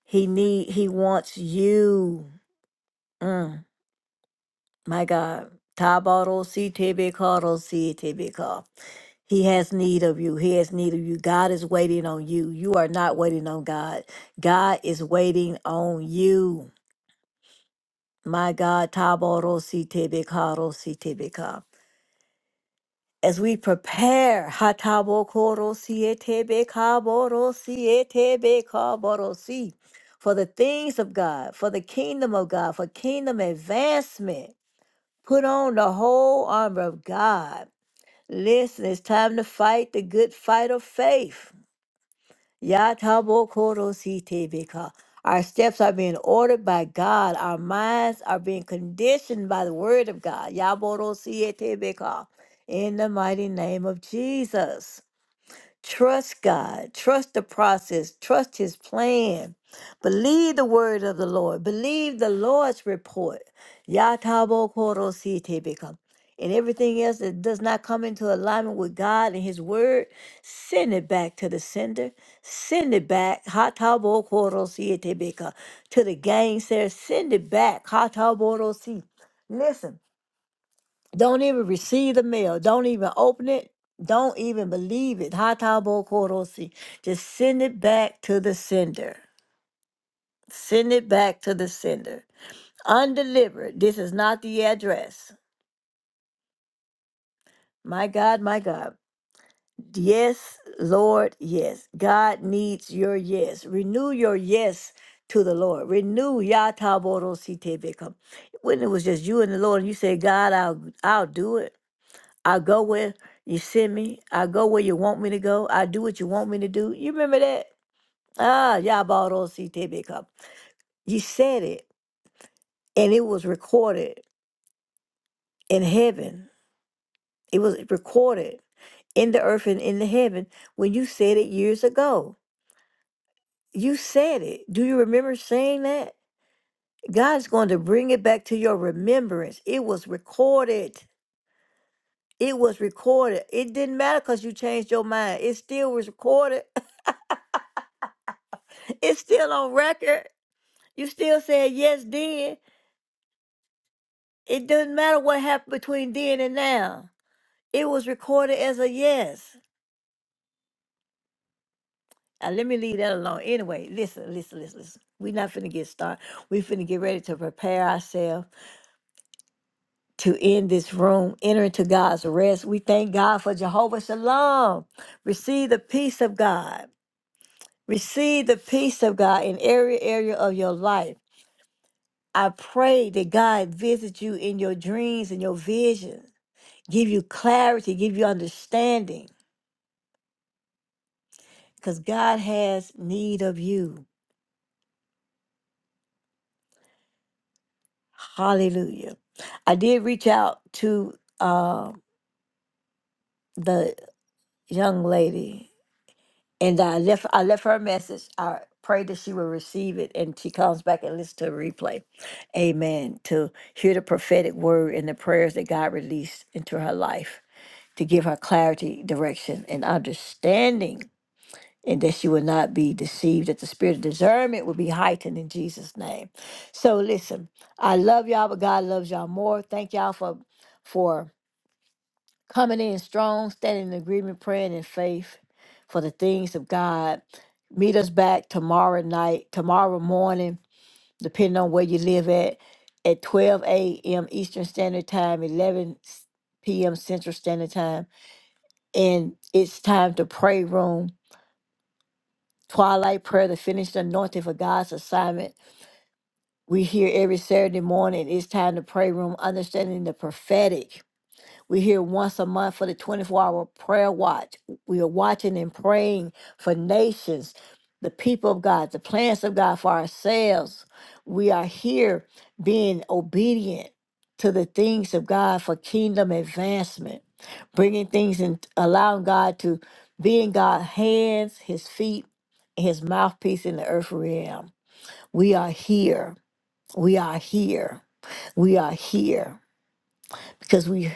A: he need he wants you Mm, my god Tabarosi tebe He has need of you. He has need of you. God is waiting on you. You are not waiting on God. God is waiting on you. My God, Taborosi As we prepare, Hatabokorosi for the things of God, for the kingdom of God, for kingdom advancement, put on the whole armor of God. Listen, it's time to fight the good fight of faith. Yatabokoro Our steps are being ordered by God. Our minds are being conditioned by the word of God. Yaboro In the mighty name of Jesus. Trust God. Trust the process. Trust His plan. Believe the word of the Lord. Believe the Lord's report. Yatabo koro si te become. And everything else that does not come into alignment with God and His word, send it back to the sender. Send it back. Hatabo koro si te become. To the gang, sir. Send it back. Hatabo ro si. Listen. Don't even receive the mail. Don't even open it. Don't even believe it. Hatabo korosi. Just send it back to the sender. Send it back to the sender. Undelivered. This is not the address. My God, my God. Yes, Lord, yes. God needs your yes. Renew your yes to the Lord. Renew yataborosi tebeka. When it was just you and the Lord, and you say, God, I'll I'll do it. I go where you send me. I go where you want me to go. I do what you want me to do. You remember that? Ah, Yabaro CTB Cup. You said it, and it was recorded in heaven. It was recorded in the earth and in the heaven when you said it years ago. You said it. Do you remember saying that? God's going to bring it back to your remembrance. It was recorded. It was recorded. It didn't matter because you changed your mind. It still was recorded. It's still on record. You still said yes then. It doesn't matter what happened between then and now. It was recorded as a yes. Now, let me leave that alone. Anyway, listen, listen, listen, listen. We're not finna get started. we finna get ready to prepare ourselves to end this room, enter into God's rest. We thank God for Jehovah Shalom. Receive the peace of God. Receive the peace of God in every area of your life. I pray that God visits you in your dreams and your visions. give you clarity, give you understanding, because God has need of you. Hallelujah. I did reach out to uh, the young lady, and I left. I left her a message. I prayed that she would receive it, and she comes back and listens to a replay. Amen. To hear the prophetic word and the prayers that God released into her life to give her clarity, direction, and understanding and that she would not be deceived, that the spirit of discernment would be heightened in Jesus' name. So listen, I love y'all, but God loves y'all more. Thank y'all for for coming in strong, standing in agreement, praying in faith for the things of God. Meet us back tomorrow night, tomorrow morning, depending on where you live at, at 12 a.m. Eastern Standard Time, 11 p.m. Central Standard Time. And it's time to pray room Twilight Prayer, the finished anointing for God's assignment. We hear every Saturday morning. It's time to pray room, understanding the prophetic. We're here once a month for the 24 hour prayer watch. We are watching and praying for nations, the people of God, the plans of God for ourselves. We are here being obedient to the things of God for kingdom advancement, bringing things and allowing God to be in God's hands, his feet, and his mouthpiece in the earth realm. We are here. We are here. We are here because we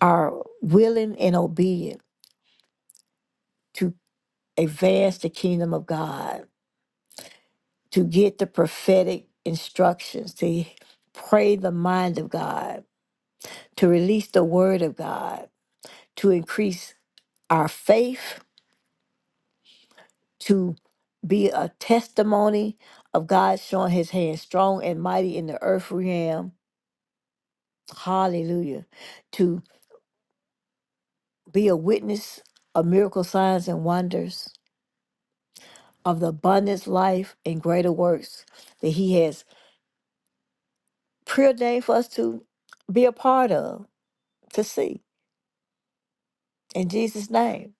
A: are willing and obedient to advance the kingdom of God, to get the prophetic instructions, to pray the mind of God, to release the word of God, to increase our faith, to be a testimony of God showing his hand strong and mighty in the earth realm. Hallelujah. To be a witness of miracle signs and wonders of the abundance life and greater works that he has preordained for us to be a part of, to see. In Jesus' name.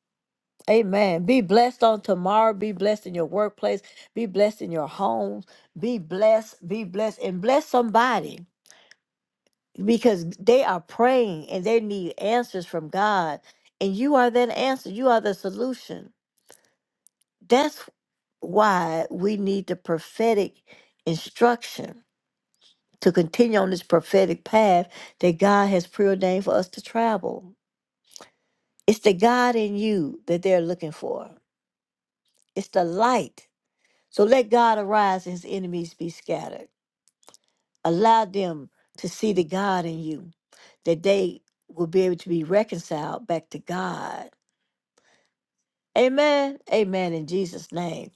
A: Amen. Be blessed on tomorrow. Be blessed in your workplace. Be blessed in your homes. Be blessed. Be blessed. And bless somebody because they are praying and they need answers from God. And you are that answer. You are the solution. That's why we need the prophetic instruction to continue on this prophetic path that God has preordained for us to travel It's the God in you that they're looking for. It's the light. So let God arise and his enemies be scattered. Allow them to see the God in you, that they will be able to be reconciled back to God. Amen. Amen. In Jesus' name.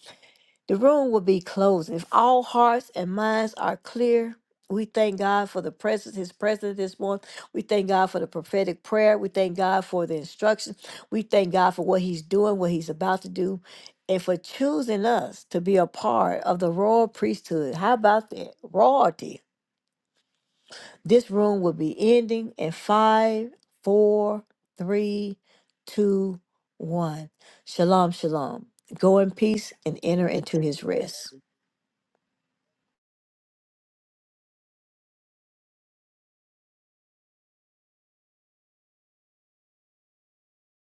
A: The room will be closed. If all hearts and minds are clear, we thank God for the presence, His presence this morning. We thank God for the prophetic prayer. We thank God for the instruction. We thank God for what He's doing, what He's about to do, and for choosing us to be a part of the royal priesthood. How about that? Royalty. This room will be ending in five, four, three, two, one. Shalom, shalom. Go in peace and
B: So
A: enter
B: good
A: into His
B: to-
A: rest.